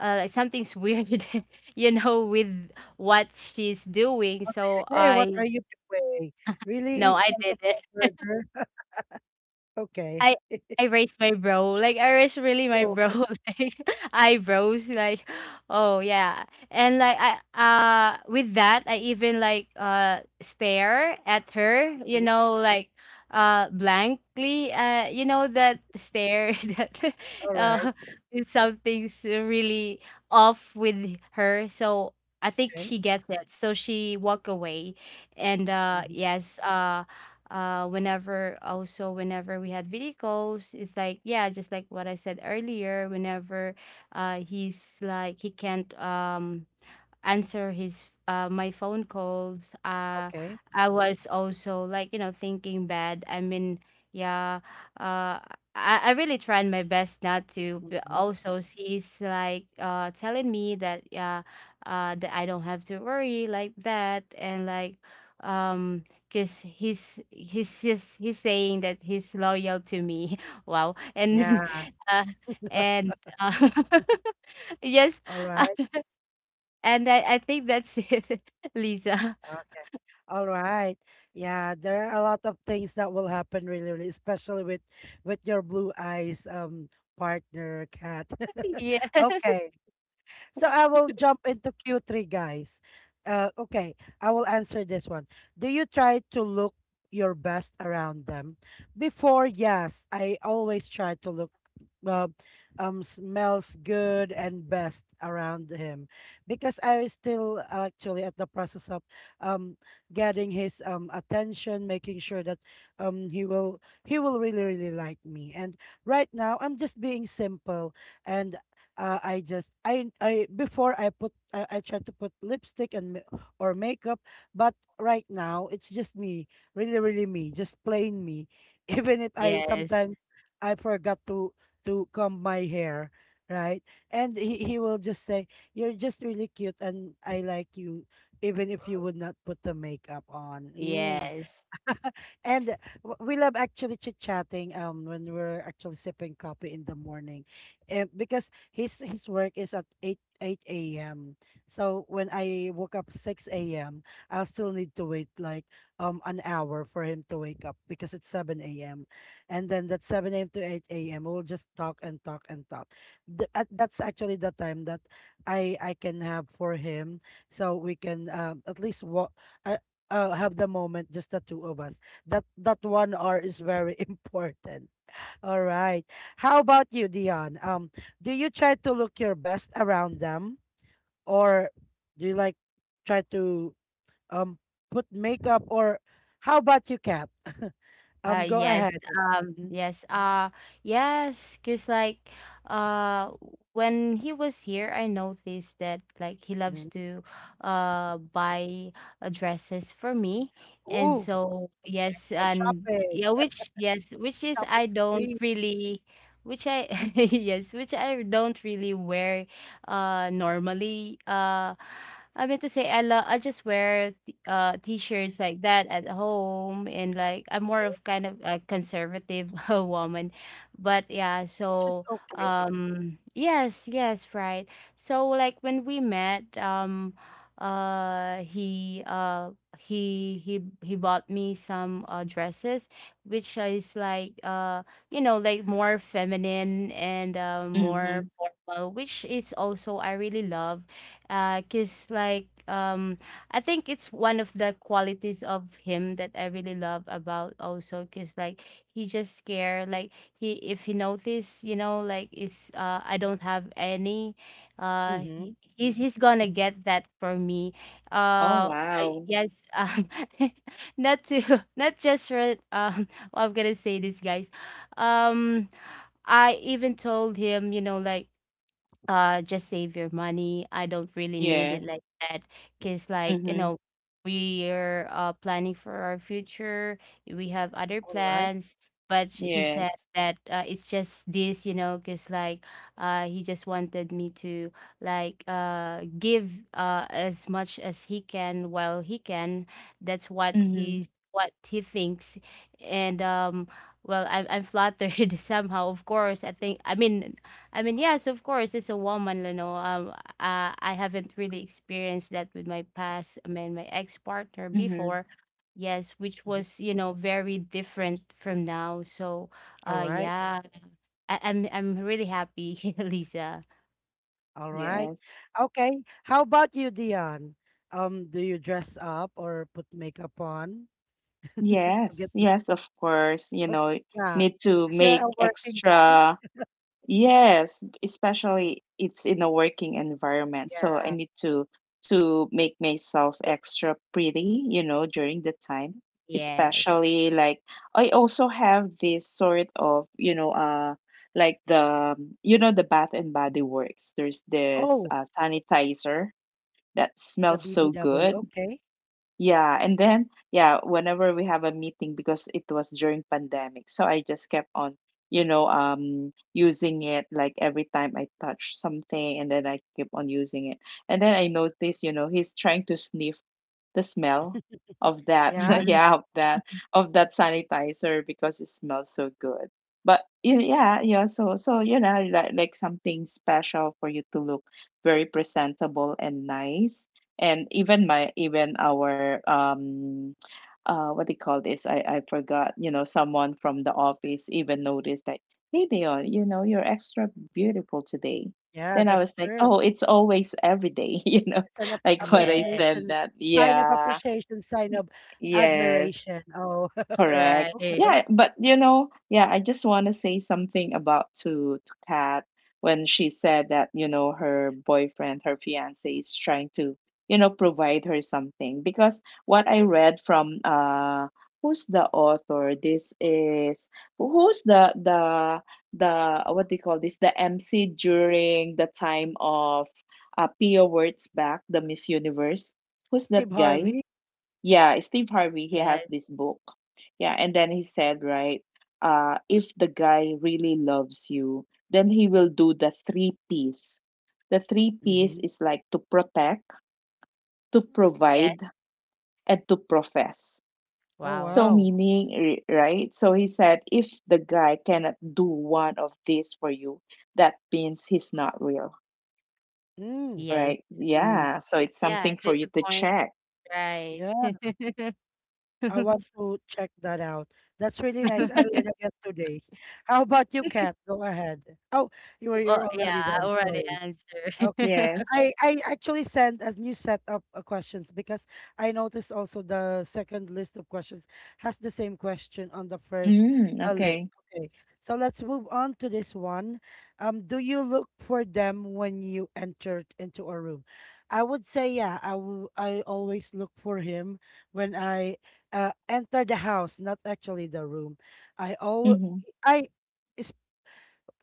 uh, like, something's weird, you know, with what she's doing. So
Hey, what
I,
are you doing? Really in
no, I
front of
didn't.
my burger? Okay.
I I raised my brow, like, I raised really my
Oh,
brow, like, eyebrows, like, oh yeah. And like, I uh with that, I even like uh stare at her, you
mhm,
know, like, uh blankly, uh you know, that stare that
all right.
uh something's really off with her. So I think
Okay.
she gets it, so she walk away. And uh
Hmm.
yes, uh uh whenever, also, whenever we had video calls, it's like, yeah, just like what I said earlier. Whenever uh he's like, he can't um answer his uh my phone calls. Uh
Okay.
I was also like, you know, thinking bad. I mean, yeah, uh I, I really tried my best not to, but
Hmm.
also she's like uh telling me that, yeah, uh that I don't have to worry like that. And like, um because he's he's just he's saying that he's loyal to me. Wow.
Yeah.
And uh, and uh, yes.
All right.
And I I think that's it, Lisa.
Okay. All right. Yeah, there are a lot of things that will happen really, really, especially with with your blue eyes um partner, Cat.
Yeah.
Okay. So I will jump into Q three, guys. Uh, okay, I will answer this one. Do you try to look your best around them? Before, yes, I always try to look uh, um smells good and best around him because I was still actually at the process of um getting his um attention, making sure that um he will he will really really like me. And right now, I'm just being simple and uh, I just I I before I put I, I tried to put lipstick and ma- or makeup, but right now it's just me, really really me, just plain me. Even if I
Yes.
sometimes I forgot to to comb my hair, right? And he he will just say, "You're just really cute, and I like you, even if you would not put the makeup on." Mm.
Yes.
And w- we love actually chit-chatting um when we're actually sipping coffee in the morning. Eh, because his his work is at eight eight a m. So when I woke up six a m, I'll still need to wait like um an hour for him to wake up because it's seven a m. And then that seven a m to eight a m we'll just talk and talk and talk. Th- at- that's actually the time that I I can have for him so we can um at least walk, uh, uh, have the moment just the two of us. That that one hour is very important. All right. How about you, Dion? Um, do you try to look your best around them, or do you like try to um put makeup, or how about you, Kat? Um,
Uh,
go
yes,
ahead.
um,
Mm,
yes, uh, yes, because like, uh, when he was here, I noticed that like, he loves
mm.
to uh, buy uh, dresses for me. And
Ooh,
so, yes,
oh,
and
shopping,
yeah, which, yes, which is,
shopping
I don't
spree.
really, which I, yes, which I don't really wear, uh, normally, uh. I mean to say, I love, I just wear uh t-shirts like that at home, and like, I'm more
Okay,
of kind of a conservative woman. But yeah,
which is
so
okay.
um yes, yes, right. So like, when we met, um uh he uh he he he bought me some uh dresses, which is like uh you know, like, more feminine and uh,
Mm-hmm.
more formal, which is also I really love, uh cuz like, um I think it's one of the qualities of him that I really love about also, because like, he just care, like, he, if he notice, you know, like, is uh I don't have any, uh he,
Mm-hmm.
he's he's gonna get that for me.
Oh,
Uh I,
wow.
yes, um not to not just for, um I'm gonna say this, guys. um I even told him, you know, like, uh just save your money, I don't really need it
Yes.
like that. Because like, you
Mm-hmm.
know, we're uh planning for our future. We have other
All right.
plans. But sh- he said
Yes.
that, uh, it's just this, you know, because like, uh he just wanted me to, like, uh give uh as much as he can while he can. That's what
Mm-hmm.
he's what he thinks. And um well, i'm, I'm flattered somehow, of course. i think i mean I mean, yes, of course, as a woman, you know, um, uh, I haven't really experienced that with my past. I mean, my ex-partner
Mm-hmm.
before, yes, which
Mm-hmm.
was, you know, very different from now. So,
All
uh,
right.
yeah, I I'm I'm really happy, Lisa.
All right.
Yes.
Okay. How about you, Dion? Um, do you dress up or put makeup on to
Yes.
get
Yes, of course. You
more?
know,
Yeah,
need to
because you're
make
a working girl.
extra. Yes, especially it's in a working environment. So I
Yeah.
need to to make myself extra pretty, you know, during the time.
Yes.
Especially like I also have this sort of, you know, uh like the, you know, the Bath and Body Works. There's this
Oh,
uh, sanitizer that
the
smells so
B B W.
good.
Okay.
Yeah, and then yeah, whenever we have a meeting because it was during pandemic, so I just kept on, you know, um using it like every time I touch something and then I keep on using it. And then I noticed, you know, he's trying to sniff the smell of that,
Yeah.
Mhm.
yeah, of that of that sanitizer because it smells so good. But y- yeah, yeah, so so you know, like like something special for you to look very presentable and nice. And even my, even our um uh what they call this, i i forgot, you know, someone from the office even noticed that, "Hey, Dion, you know, you're extra beautiful today."
Yeah,
Then I
that's
was like,
true.
"Oh, it's always every day." You know,
It's an ap-
like what
Yeah.
I said,
appreciation,
that
sign of
yeah,
appreciation, sign of
yes.
admiration. Oh,
Correct.
Right.
okay.
Yeah, but you know, yeah, I just want to say something about to to Kat, when she said that, you know, her boyfriend, her fiance is trying to, you know, provide her something, because what I read from uh who's the author? This is, who's the the the what do you call this? The M C during the time of uh Pia Wurtzbach, the Miss Universe. Who's that
Steve
guy?
Harvey.
Yeah, Steve Harvey, he has
Yes,
this book. Yeah, and then he said, right, uh, if the guy really loves you, then he will do the three P's. The three P's
Mhm.
is like to protect, to
yes.
provide, and to profess.
Oh,
Wow.
So,
wow.
meaning, r- right? So he said, if the guy cannot do one of these for you, that means he's not real,
Mm,
Yes.
right?
Mm.
Yeah, so it's
Yeah,
something for
there's
you
a
to
point,
check.
right?
yeah, I want to check that out. That's really nice. I learned again today. How about you, Kat? Go ahead. Oh, you were
Oh,
you're
yeah,
already
I
done.
already
Sorry.
answered.
Okay.
Yes.
I, I actually sent a new set of uh, questions because I noticed also the second list of questions has the same question on the first
Mm,
uh, list.
okay.
Okay. So let's move on to this one. Um, do you look for them when you enter into a room? I would say, yeah, I will, I always look for him when I uh, enter the house, not actually the room. I always,
Mm-hmm.
I,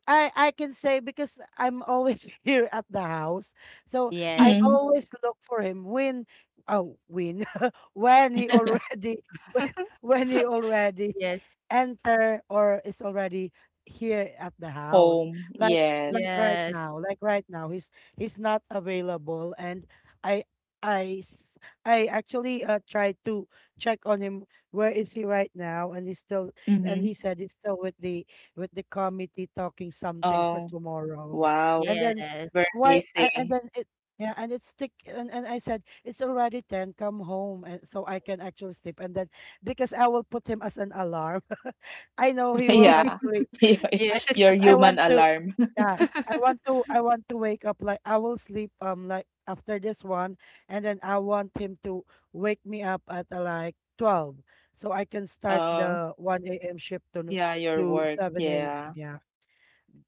I I can say because I'm always here at the house. So I
Yes.
Mm-hmm.
always look for him when, oh, when when he already when, when he already
Yes,
enter or is already here at the house.
Home,
Like
yes.
like right
yes,
now, like right now, he's he's not available, and I I s- I actually uh tried to check on him. Where is he right now? And he's still, and he
Mhm.
said he's still with the with the committee talking something for
Oh,
tomorrow.
wow.
And then
yes.
Very
why? a- And
busy.
then it. Yeah, and it's thick, and, and I said it's already ten. Come home, and so I can actually sleep. And then because I will put him as an alarm. I know he will
Yeah.
actually I
Yes,
Your
because I
human
want to.
alarm.
Yeah, I want to, I want to wake up. Like I will sleep um like after this one, and then I want him to wake me up at uh, like twelve so I can start
Oh,
the one a m shift to no-
yeah, your
to
work.
seven a m.
Yeah.
Yeah,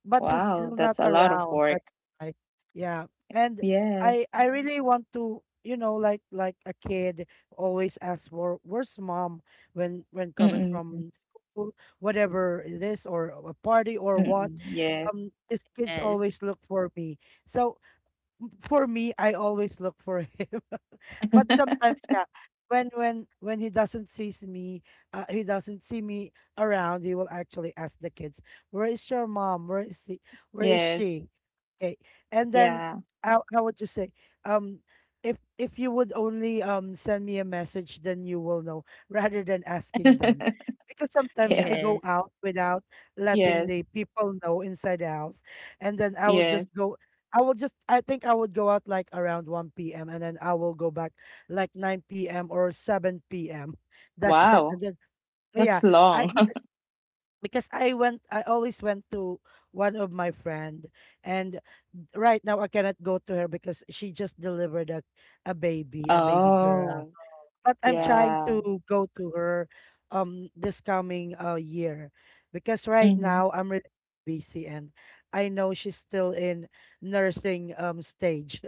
but he's
Wow,
still not
that's a lot of
around.
work.
That's why. Yeah. And I
Yes.
I really want to, you know, like like a kid always asks for where's mom when when coming
Mm-mm.
from school, whatever it is, or a party or what.
Mm-mm. Yes.
Um, these kids
yes,
always look for me. So for me, I always look for him. But sometimes yeah when when when he doesn't sees me, uh, he doesn't see me around, he will actually ask the kids where is your mom, where is he, where is
Yes.
she. Okay. And then
Yeah.
how, how would you say, um if if you would only um send me a message then you will know, rather than asking them because sometimes
Yeah.
I go
yes.
out without letting
Yes.
the people know inside the house, and then I will just
Yes.
go. I will just I think I would go out like around one p m and then I will go back like nine p m or seven p m That's it.
Wow.
And then yeah,
That's
I
long.
because because I went I always went to one of my friend, and right now I cannot go to her because she just delivered a, a baby, a baby girl.
Oh,
But I'm trying
Yes.
yeah.
to go to her um this coming uh year because right
Mm-hmm.
now I'm really busy, and I know she's still in nursing um stage.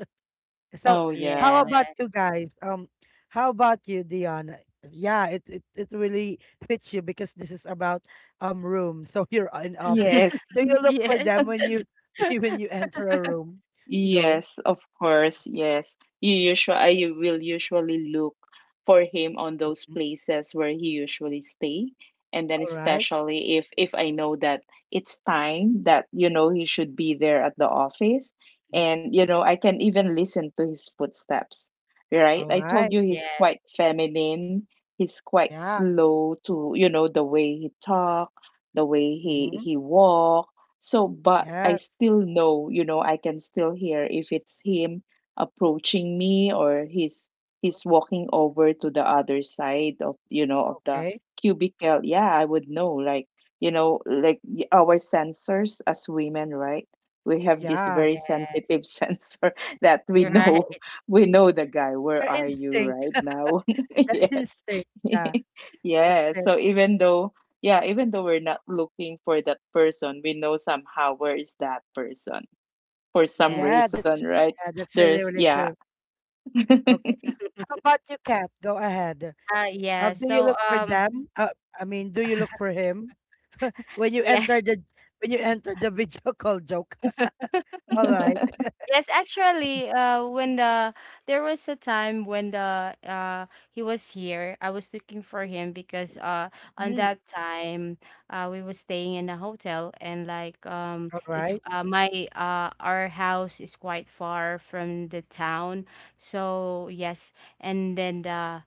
So
Oh,
Yes.
how
yeah.
about you guys? Um, how about you, Dion? Yeah, it, it it really fits you because this is about um room. So you're in office.
Yes.
Do you look for
Yes.
them when you when you enter a room? Go.
Yes, of course. Yes. You usually, I will usually look for him on those
Mm,
places where he usually stay. And then
all right.
especially if if I know that it's time that, you know, he should be there at the office,
Mhm.
and you know I can even listen to his footsteps. Right?
All
I told
right.
you he's
Yes, yes,
quite feminine. He's quite
Yeah.
slow to, you know, the way he talk, the way he
Mm-hmm.
he walk, so, but I
Yes.
still know, you know, I can still hear if it's him approaching me or he's
Mm,
he's walking over to the other side of, you know, of the
okay.
cubicle. Yeah, I would know. Like, you know, like y- our sensors as women, right? We have this
Yeah.
very
yeah.
sensitive sensor that we
You're right.
know, we know the guy. Where
Our
are you
instinct.
right
The
now? Yes.
instinct. Yeah. That's
Yeah.
it.
So even though, yeah, even though we're not looking for that person, we know somehow where is that person for some
Yeah.
Yeah.
reason,
That's
right?
yeah. That's
There's,
really really
yeah.
true. Okay. How about you, Kat? Go ahead.
Uh
Uh,
yeah.
do you
So
look for
um
them? Uh, I mean, do you look for him when you
yes.
enter the, when you enter the video call joke? All right.
Yes, actually, uh, when the there was a time when, the uh he was here, I was looking for him. Because uh on
Mm,
that time, uh we were staying in a hotel, and like, um
all
it's
right.
uh, my uh our house is quite far from the town. So yes, and then the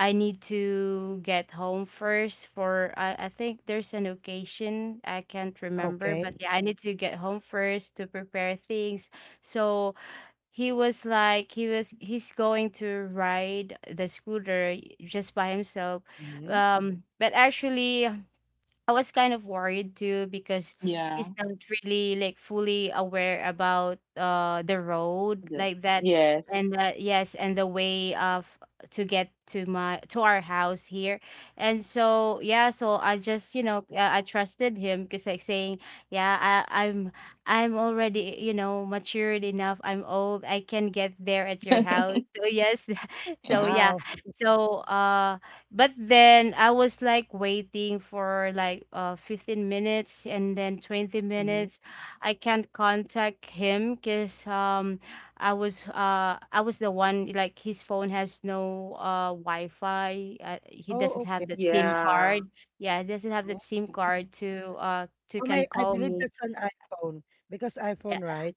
I need to get home first. For I, I think there's an occasion, I can't remember, but
Okay.
yeah, I need to get home first to prepare things. So he was like, he was he's going to ride the scooter just by himself.
Hmm.
Um but actually, I was kind of worried, too, because
Yeah.
he's not really like fully aware about uh the road
The-
like that,
yes.
and uh, yes, and the way of to get to my to our house here. And so, yeah, so I just, you know, uh, I trusted him, because like, saying, yeah, I, I'm I'm already, you know, matured enough, I'm old, I can get there at your house. So yes. So yeah.
Wow.
So uh but then, I was like waiting for like uh fifteen minutes, and then twenty
Hmm.
minutes. I can't contact him because, um I was, uh I was the one, like, his phone has no uh Wi-Fi. Uh, he
Oh,
doesn't
okay.
have that SIM
Yeah.
card. Yeah, he doesn't have
Oh,
that SIM card to uh to
oh,
can
my, I
call
believe
me.
that's an iPhone because
Yeah.
iPhone, right?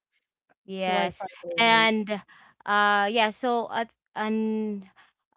It's
Yes.
Wi-Fi only.
And uh yeah. So at and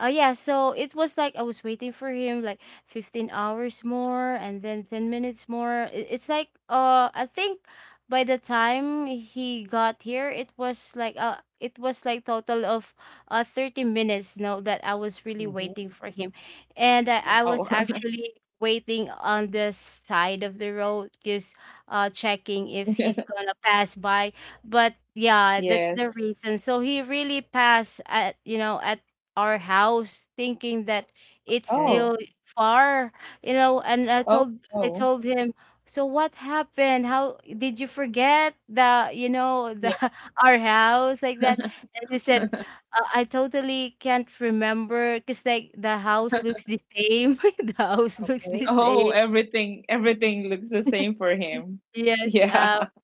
uh yeah, so it was like, I was waiting for him, like, fifteen hours more, and then ten minutes more. It, it's like, uh I think by the time he got here, it was like, uh it was like, total of uh thirty minutes now that I was really
Hmm.
waiting for him. And I, I was
Wow.
actually waiting on the side of the road, just uh checking if he's gonna pass by. But yeah, that's
Yes.
the reason. So he really passed at, you know, at our house, thinking that it's
Okay.
Oh.
still far, you know. And i
Oh.
told I
Oh.
told him, so what happened, how did you forget, the you know, the
Yeah.
our house like that? And he said, uh, I totally can't remember, because, like, the house looks the same. The house looks the
Okay.
Oh,
same.
everything, everything looks the same for him.
Yes.
Yeah.
Uh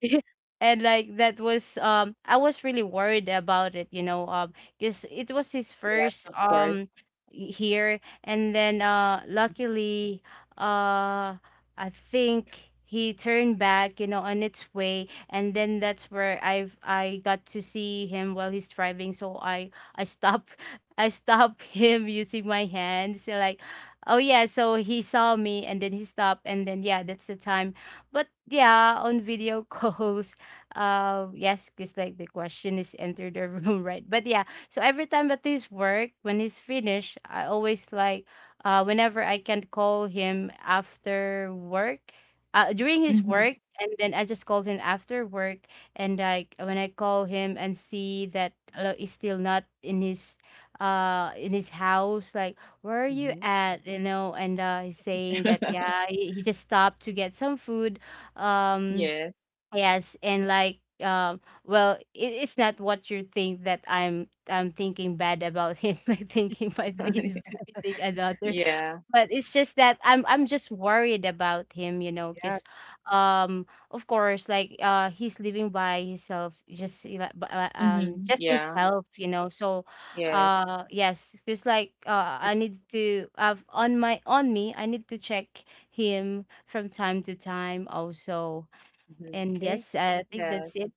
and like, that was, um I was really worried about it, you know, um because it was his
Yes,
first,
of course.
um y- here. And then uh luckily, uh I think he turned back, you know, on its way, and then that's where I've I got to see him while he's driving. So I I stop I stop him using my hands. So like, oh yeah, so he saw me, and then he stopped, and then yeah, that's the time. But yeah, on video calls, uh, yes, because like, the question is, enter the room, right? But yeah, so every time at his work, when he's finished, I always like, uh, whenever I can call him after work, uh, during his work,
Hmm.
and then I just call him after work. And like, when I call him and see that, uh, he's still not in his, uh, in his house, like, where are you
Mm-hmm.
at, you know? And uh, he's saying that, yeah, he, he just stopped to get some food. um
Yes.
Yes. And like, um well, it, it's not what you think, that I'm I'm thinking bad about him, like thinking, might be he's beating another.
Yeah.
But it's just that I'm I'm just worried about him, you know,
Yes.
because um of course, like, uh he's living by himself, just, you know, b- uh, um
Hmm.
just
Yeah.
himself, you know. So uh
Yes.
yes, because like, uh I
It's,
need to have on my, on me, I need to check him from time to time also.
Mhm.
And
Okay.
yes, I think that's
Yes.
it.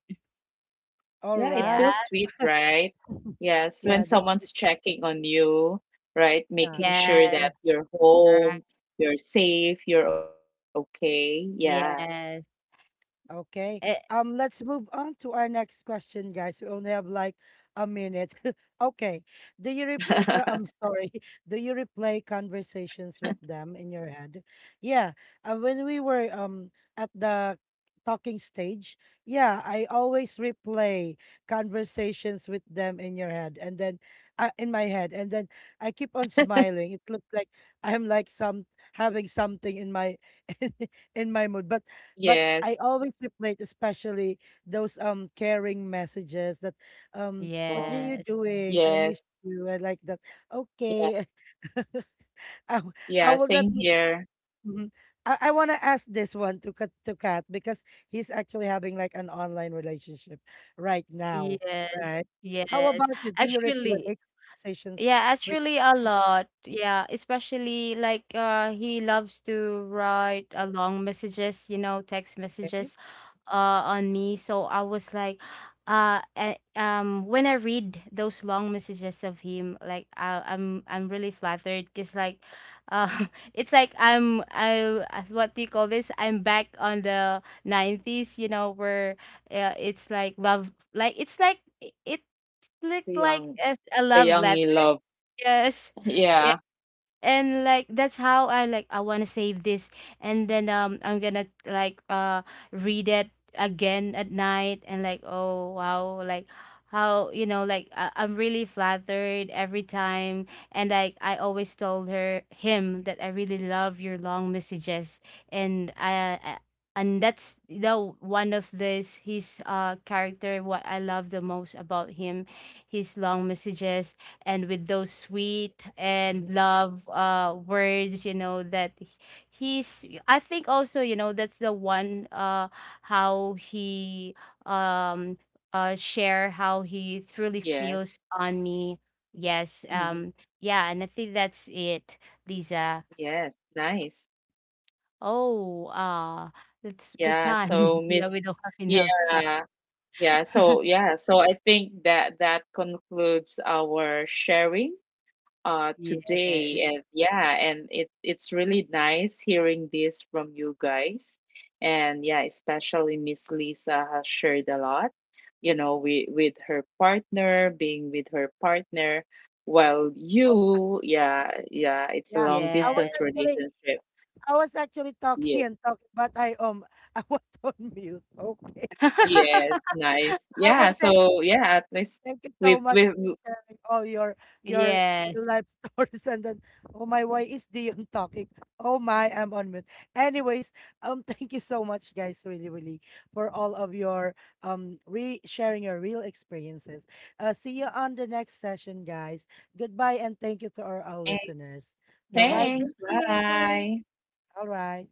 All
Yeah, it
right.
Yeah.
feels sweet, right? Yes, when
Yeah, that's it.
someone's checking on you, right?
Yeah.
Making sure
Yes.
that you're
Right.
home, you're safe, you're okay. Yeah.
Yes.
Okay.
Eh,
Um, let's move on to our next question, guys. We only have like a minute. Okay. Do you replay co- I'm sorry. Do you replay conversations with them in your head? Yeah. Uh, when we were um at the talking stage, yeah, I always replay conversations with them in your head and then uh, in my head and then I keep on smiling. It looks like I'm like some having something in my in my mood. But but I
Yes.
always replay, especially those um caring messages that, um "What are you
Um,
yes.
doing? I miss
yes.
you." I like that.
Yeah.
Okay. I, w- I
Yeah.
will not.
Same here.
Mhm. I, I want to ask this one to Kat, to Kat because he's actually having like an online relationship right now,
Yes.
right? How
Yes.
about you? Do you
Actually,
replay conversations
yeah,
with?
actually a lot. Yeah, especially like, uh he loves to write uh, long messages, you know, text
Okay.
messages uh on me. So I was like, uh a- um when I read those long messages of him, like, I I'm I'm really flattered, because like, uh it's like, I'm I as, what do you call this? I'm back on the nineties, you know, where, uh, it's like love, like, it's like, it
The
looked like
young,
a, a
the
love
young
letter.
you love.
Yes. Yeah.
Yeah.
And like, that's how I, like, I want to save this, and then, um I'm going to like uh read it again at night, and like, oh wow, like, how, you know, like, I- I'm really flattered every time. And like, I always told her him that I really love your long messages. And I, I and that's the one of this his uh character, what I love the most about him, his long messages, and with those sweet and love uh words, you know, that h- he's, I think also, you know, that's the one, uh how he, um uh share, how he truly
Yes.
feels on me. Yes.
Hmm.
Um yeah, and I think that's it, Lisa.
Yes. Nice.
Oh, uh that's the
Yeah.
time.
So,
Yeah, we
Miss,
don't have enough time.
yeah. Yeah, so yeah, so I think that that concludes our sharing uh
Yes.
today, and yeah, and it it's really nice hearing this from you guys. And yeah, especially Miss Lisa has shared a lot, you know, with with her partner, being with her partner, while
Um,
you, yeah, yeah, it's a
yeah,
long
Yeah.
I was
distance
actually
relationship.
I was actually
Yeah,
talking and talking, but I um I was on mute. Okay.
yes, nice.
I was
Yeah,
saying
so yeah, at least
thank you so
we've
much
we've
for sharing all your your
Yes,
real life stories and then, oh my, why is Dion talking? Oh my, I'm on mute. Anyways, um thank you so much guys really really for all of your um re sharing your real experiences. Uh, see you on the next session, guys. Goodbye and thank you to our, our listeners. Bye bye.
yes,
Thanks.
thank you.
Bye.
All right.